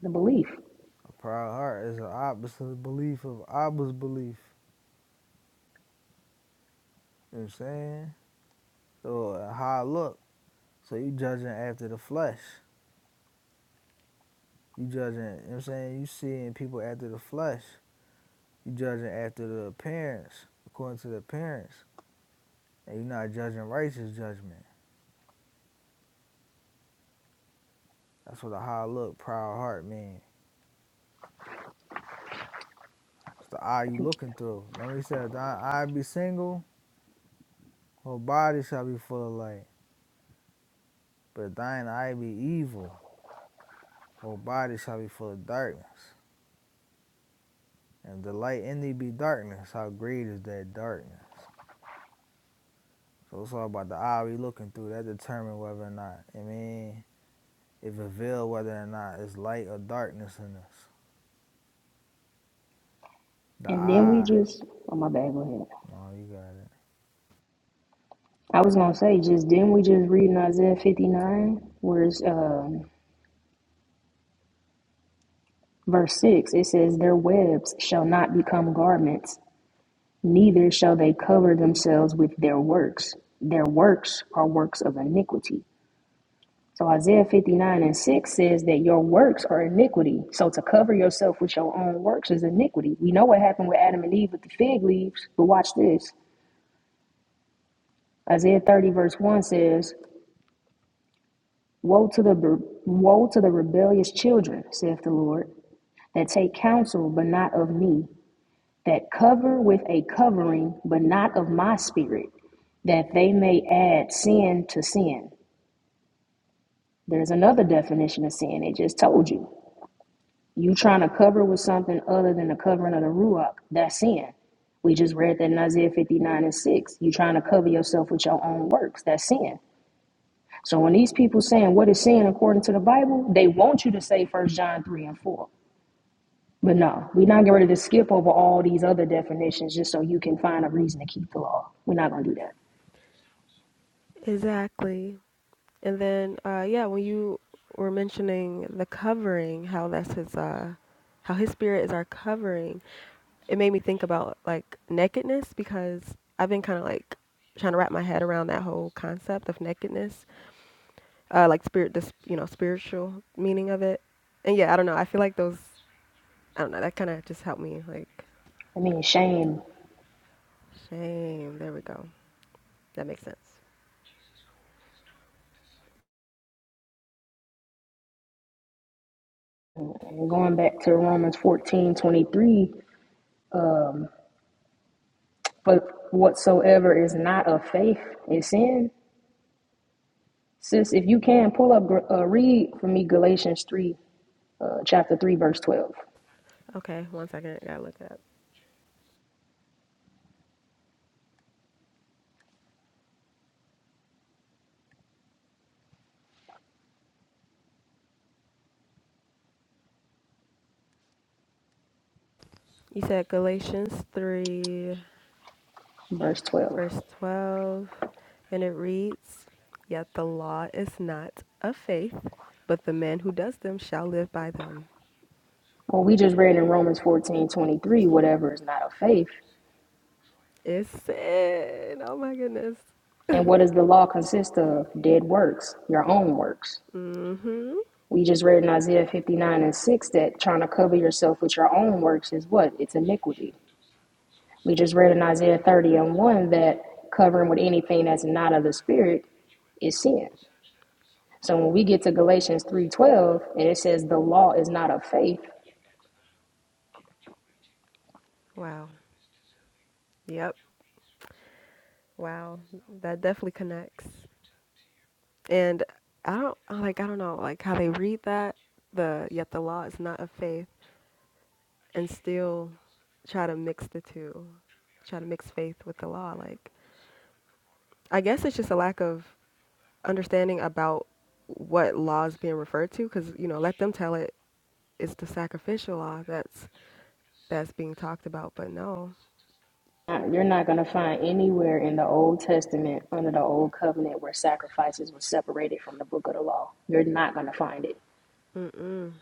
[SPEAKER 2] the belief.
[SPEAKER 1] A proud heart is the opposite belief of Abba's belief. You know what I'm saying? So a high look. So you judging after the flesh. You judging, you know what I'm saying? You seeing people after the flesh. You judging after the appearance, according to the appearance, and you're not judging righteous judgment. That's what a high look, proud heart means. It's the eye you looking through. Remember he said, if thine eye be single, whole body shall be full of light. But if thine eye be evil, whole body shall be full of darkness. And if the light in thee be darkness, how great is that darkness? So it's all about the eye we looking through. That determine whether or not, I mean, it reveals whether or not it's light or darkness in us. The
[SPEAKER 2] And then we
[SPEAKER 1] eye.
[SPEAKER 2] just, oh my bad, go ahead.
[SPEAKER 1] No, you got it.
[SPEAKER 2] I was going to say, just then we just read in Isaiah 59, where's um, verse 6, it says, Their webs shall not become garments Neither shall they cover themselves with their works. Their works are works of iniquity. So Isaiah 59 and 6 says that your works are iniquity. So to cover yourself with your own works is iniquity. We know what happened with Adam and Eve with the fig leaves, but watch this. Isaiah 30 verse 1 says, Woe to the woe to the rebellious children, saith the Lord, that take counsel but not of me, that cover with a covering but not of my spirit, that they may add sin to sin. There's another definition of sin. It just told you. You trying to cover with something other than the covering of the ruach, that's sin. We just read that in Isaiah 59 and 6. You trying to cover yourself with your own works, that's sin. So when these people saying what is sin according to the Bible, they want you to say First John 3 and 4. But no, we're not getting ready to skip over all these other definitions just so you can find a reason to keep the law. We're not gonna do that.
[SPEAKER 3] Exactly. And then uh, yeah, when you were mentioning the covering, how that's his uh, how his spirit is our covering it made me think about like nakedness because I've been kind of like trying to wrap my head around that whole concept of nakedness, uh, like spirit, this you know, spiritual meaning of it. And yeah, I don't know. I feel like those, I don't know. That kind of just helped me. Like
[SPEAKER 2] I mean shame
[SPEAKER 3] shame. There we go. That makes sense.
[SPEAKER 2] and going back to Romans fourteen twenty three. 23, um, But whatsoever is not of faith is sin. Sis, if you can pull up, gr- uh, read for me Galatians 3, uh, chapter 3, verse 12.
[SPEAKER 3] Okay, one second. I gotta look it up. You said Galatians three,
[SPEAKER 2] Verse 12.
[SPEAKER 3] verse twelve, and it reads, "Yet the law is not of faith, but the man who does them shall live by them."
[SPEAKER 2] Well, we just read in Romans 14 23, whatever is not of faith.
[SPEAKER 3] It's it? Oh my goodness.
[SPEAKER 2] And what does the law consist of? Dead works, your own works.
[SPEAKER 3] Mm-hmm.
[SPEAKER 2] We just read in Isaiah 59 and 6 that trying to cover yourself with your own works is what? It's iniquity. We just read in Isaiah 30 and 1 that covering with anything that's not of the Spirit is sin. So when we get to Galatians 3:12 and it says the law is not of faith,
[SPEAKER 3] Wow. Yep. Wow. That definitely connects. And I don't I like I don't know like how they read that the yet the law is not of faith and still try to mix the two. Try to mix faith with the law like I guess it's just a lack of understanding about what law is being referred to cuz you know let them tell it it's the sacrificial law that's that's being talked about, but no.
[SPEAKER 2] uh, you're not going to find anywhere in the Old Testament under the old covenant where sacrifices were separated from the book of the law. You're not going to find it.
[SPEAKER 3] Mm-mm.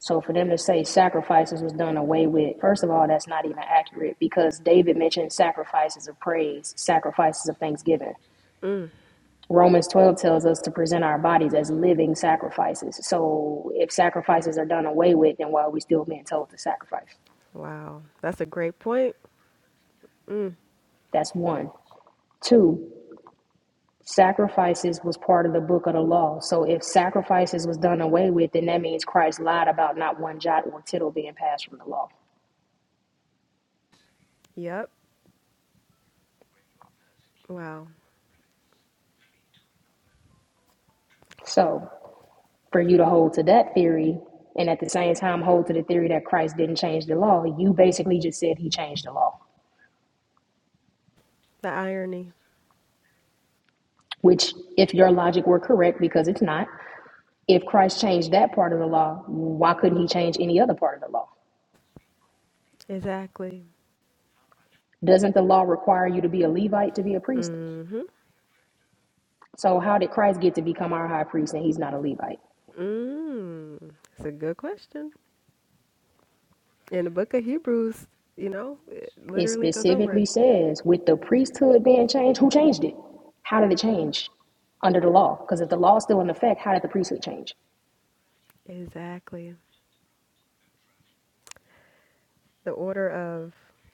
[SPEAKER 2] So for them to say sacrifices was done away with, first of all, that's not even accurate because David mentioned sacrifices of praise, sacrifices of thanksgiving.
[SPEAKER 3] Mm.
[SPEAKER 2] Romans 12 tells us to present our bodies as living sacrifices. So if sacrifices are done away with, then why are we still being told to sacrifice?
[SPEAKER 3] Wow. That's a great point. Mm.
[SPEAKER 2] That's one. Two, sacrifices was part of the book of the law. So if sacrifices was done away with, then that means Christ lied about not one jot or tittle being passed from the law.
[SPEAKER 3] Yep. Wow.
[SPEAKER 2] So for you to hold to that theory and at the same time hold to the theory that Christ didn't change the law, you basically just said he changed the law.
[SPEAKER 3] The irony.
[SPEAKER 2] Which, if your logic were correct, because it's not, if Christ changed that part of the law, why couldn't he change any other part of the law?
[SPEAKER 3] Exactly.
[SPEAKER 2] Doesn't the law require you to be a Levite to be a priest?
[SPEAKER 3] Mm-hmm.
[SPEAKER 2] So, how did Christ get to become our high priest and he's not a Levite?
[SPEAKER 3] Mm. It's a good question. In the book of Hebrews, you know, it
[SPEAKER 2] It
[SPEAKER 3] literally goes over
[SPEAKER 2] specifically
[SPEAKER 3] it.
[SPEAKER 2] says with the priesthood being changed, who changed it? How did it change under the law? Because if the law is still in effect, how did the priesthood change?
[SPEAKER 3] Exactly. The order of,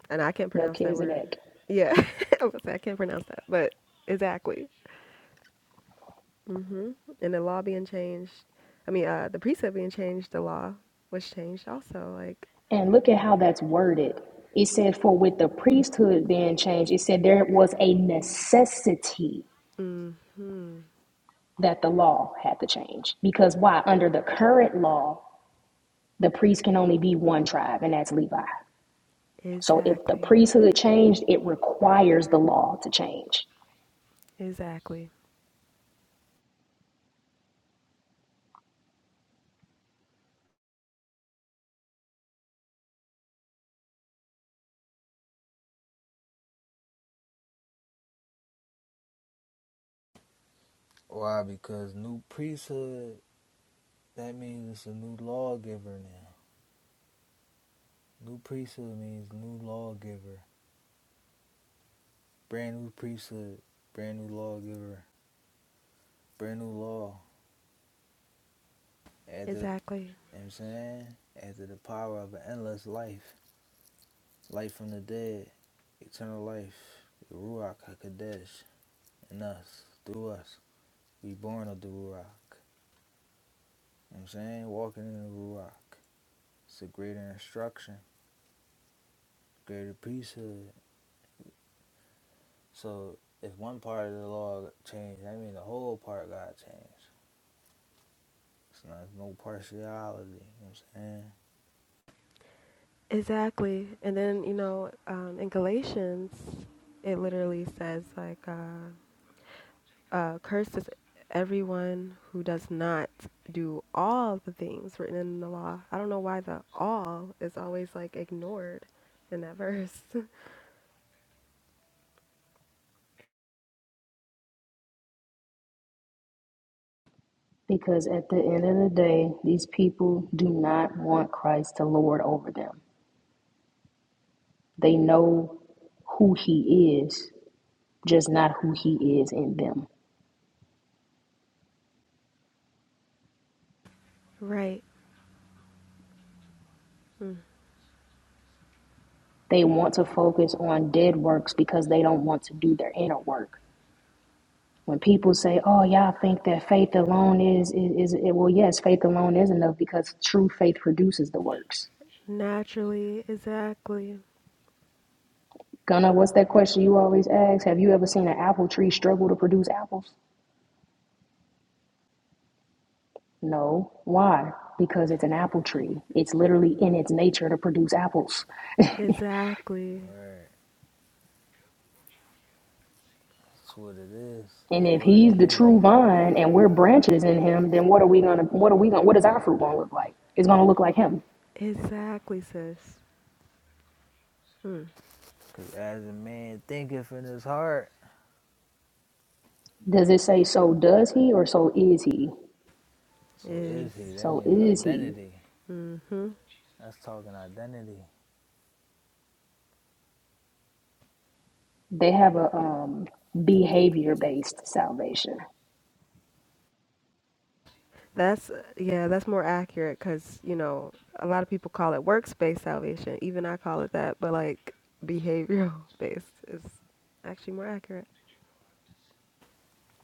[SPEAKER 3] and I can't pronounce that word.
[SPEAKER 2] Melchizedek.
[SPEAKER 3] Yeah. I was gonna say I can't pronounce that, but exactly. hmm And the law being changed, I mean, uh, the precept being changed, the law was changed also. Like,
[SPEAKER 2] And look at how that's worded. It said, for with the priesthood being changed, it said there was a necessity
[SPEAKER 3] hmm
[SPEAKER 2] that the law had to change. Because why? Under the current law, the priest can only be one tribe, and that's Levi. So if the
[SPEAKER 3] exactly,
[SPEAKER 2] priesthood changed, it requires the law to change.
[SPEAKER 3] exactly,
[SPEAKER 1] Why? Because new priesthood, that means it's a new lawgiver now. New priesthood means new lawgiver. Brand new priesthood, brand new lawgiver, brand new law. Add to the, you know
[SPEAKER 3] exactly,
[SPEAKER 1] what I'm saying? Add to the power of an endless life. Life from the dead, eternal life. The Ruach HaKodesh in us, through us. We born of the Ruach. You know what I'm saying? Walking in the Ruach. It's a greater instruction, greater priesthood. So if one part of the law changed, that means the whole part got changed. It's not no partiality. You know what I'm saying?
[SPEAKER 3] exactly. And then you know, um, in Galatians, it literally says like, uh, uh, "Cursed is everyone who does not do all the things written in the law." I don't know why the "all" is always like ignored in that verse.
[SPEAKER 2] Because at the end of the day, these people do not want Christ to lord over them. They know who he is, just not who he is in them.
[SPEAKER 3] Right.
[SPEAKER 2] They want to focus on dead works because they don't want to do their inner work. When people say, "Oh, y'all think that faith alone is is, is it, well, yes, faith alone is enough because true faith produces the works."
[SPEAKER 3] Naturally, exactly,
[SPEAKER 2] Gunna, what's that question you always ask? Have you ever seen an apple tree struggle to produce apples? No. Why? Because it's an apple tree. It's literally in its nature to produce apples.
[SPEAKER 3] exactly,
[SPEAKER 1] right? That's what it is.
[SPEAKER 2] And
[SPEAKER 1] The
[SPEAKER 2] if
[SPEAKER 1] word
[SPEAKER 2] he's
[SPEAKER 1] is
[SPEAKER 2] the
[SPEAKER 1] in you.
[SPEAKER 2] true vine and we're branches in him, then what are we gonna what are we gonna what is our fruit gonna look like? It's gonna look like him.
[SPEAKER 3] exactly, sis. Mm,
[SPEAKER 1] Because as a man thinketh in his heart,
[SPEAKER 2] Does it say so does he or so is he?
[SPEAKER 1] so
[SPEAKER 3] is
[SPEAKER 1] is he. That
[SPEAKER 2] So
[SPEAKER 1] means
[SPEAKER 2] is he.
[SPEAKER 1] identity.
[SPEAKER 3] mm-hmm.
[SPEAKER 1] That's talking identity.
[SPEAKER 2] They have a um behavior based salvation.
[SPEAKER 3] That's yeah, that's more accurate because you know a lot of people call it workspace salvation. Even I call it that, but like behavioral based is actually more accurate.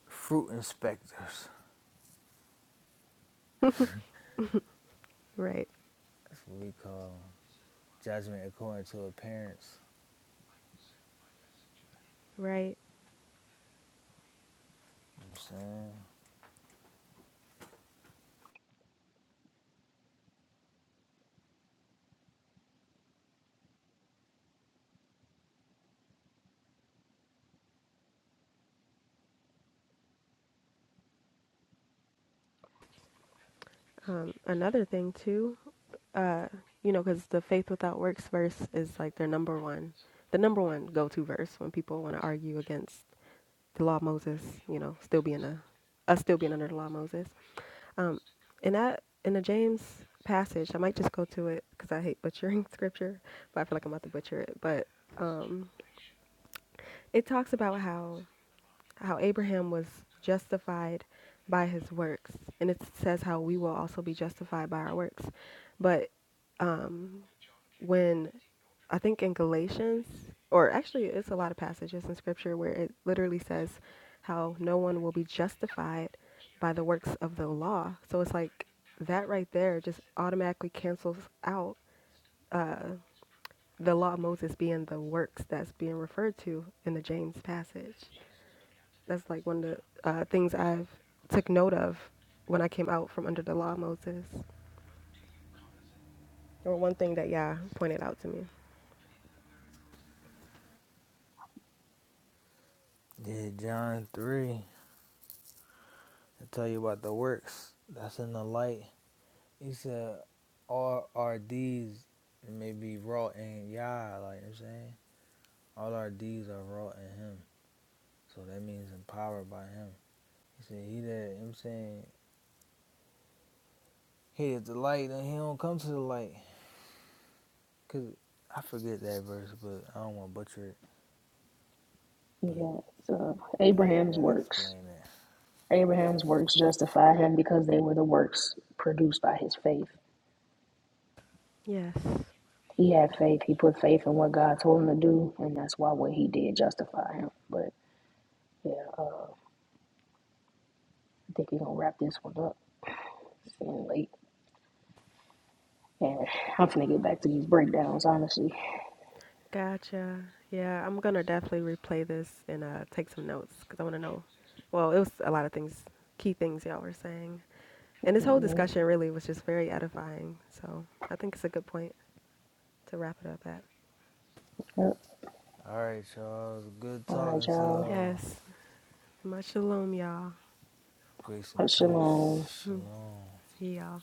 [SPEAKER 1] Fruit inspectors.
[SPEAKER 3] Right,
[SPEAKER 1] That's what we call 'em. Judgment according to appearance.
[SPEAKER 3] right.
[SPEAKER 1] You know what I'm
[SPEAKER 3] Um, another thing too, uh, you know, because the faith without works verse is like their number one, the number one go-to verse when people want to argue against the law of Moses, you know, still being a us still being under the law of Moses. Um, in that in the James passage, I might just go to it because I hate butchering scripture, but I feel like I'm about to butcher it. But it talks about how how Abraham was justified by his works, and it says how we will also be justified by our works. But when I think in Galatians, or actually, it's a lot of passages in scripture where it literally says how no one will be justified by the works of the law. So it's like that right there just automatically cancels out the law of Moses being the works that's being referred to in the James passage. That's like one of the uh, things I've took note of when I came out from under the law of Moses, or one thing that Yah pointed out to me.
[SPEAKER 1] saying? Yeah, John 3. I tell you about the works. That's in the light. He said, all our RDs may be wrought in Yah, like you know what I'm saying? All our RDs are wrought in Him. So that means empowered by Him. He said, He that, you know what I'm saying, He is the light and He don't come to the light. Because I forget that verse, but I don't want to butcher it. But
[SPEAKER 2] Yeah. So
[SPEAKER 1] that,
[SPEAKER 2] Abraham's
[SPEAKER 1] that
[SPEAKER 2] works.
[SPEAKER 1] explain it.
[SPEAKER 2] Abraham's works justify him because they were the works produced by his faith.
[SPEAKER 3] Yes.
[SPEAKER 2] He had faith. He put faith in what God told him to do, and that's why what he did justified him. But yeah, uh, I think we're gonna wrap this one up. It's getting late, and I'm finna get back to these breakdowns. Honestly,
[SPEAKER 3] Gotcha. Yeah, I'm gonna definitely replay this and uh, take some notes because I want to know. Well, it was a lot of things, key things y'all were saying, and this whole
[SPEAKER 2] Mhm.
[SPEAKER 3] discussion really was just very edifying. So I think it's a good point to wrap it up at.
[SPEAKER 2] Yep.
[SPEAKER 1] All right, y'all. It was a good
[SPEAKER 2] all right,
[SPEAKER 1] talking to
[SPEAKER 2] y'all.
[SPEAKER 1] y'all.
[SPEAKER 3] Yes, much shalom, y'all.
[SPEAKER 1] Grace and
[SPEAKER 2] Shalom.
[SPEAKER 1] peace.
[SPEAKER 3] Hmm.
[SPEAKER 1] Shalom.
[SPEAKER 3] See y'all.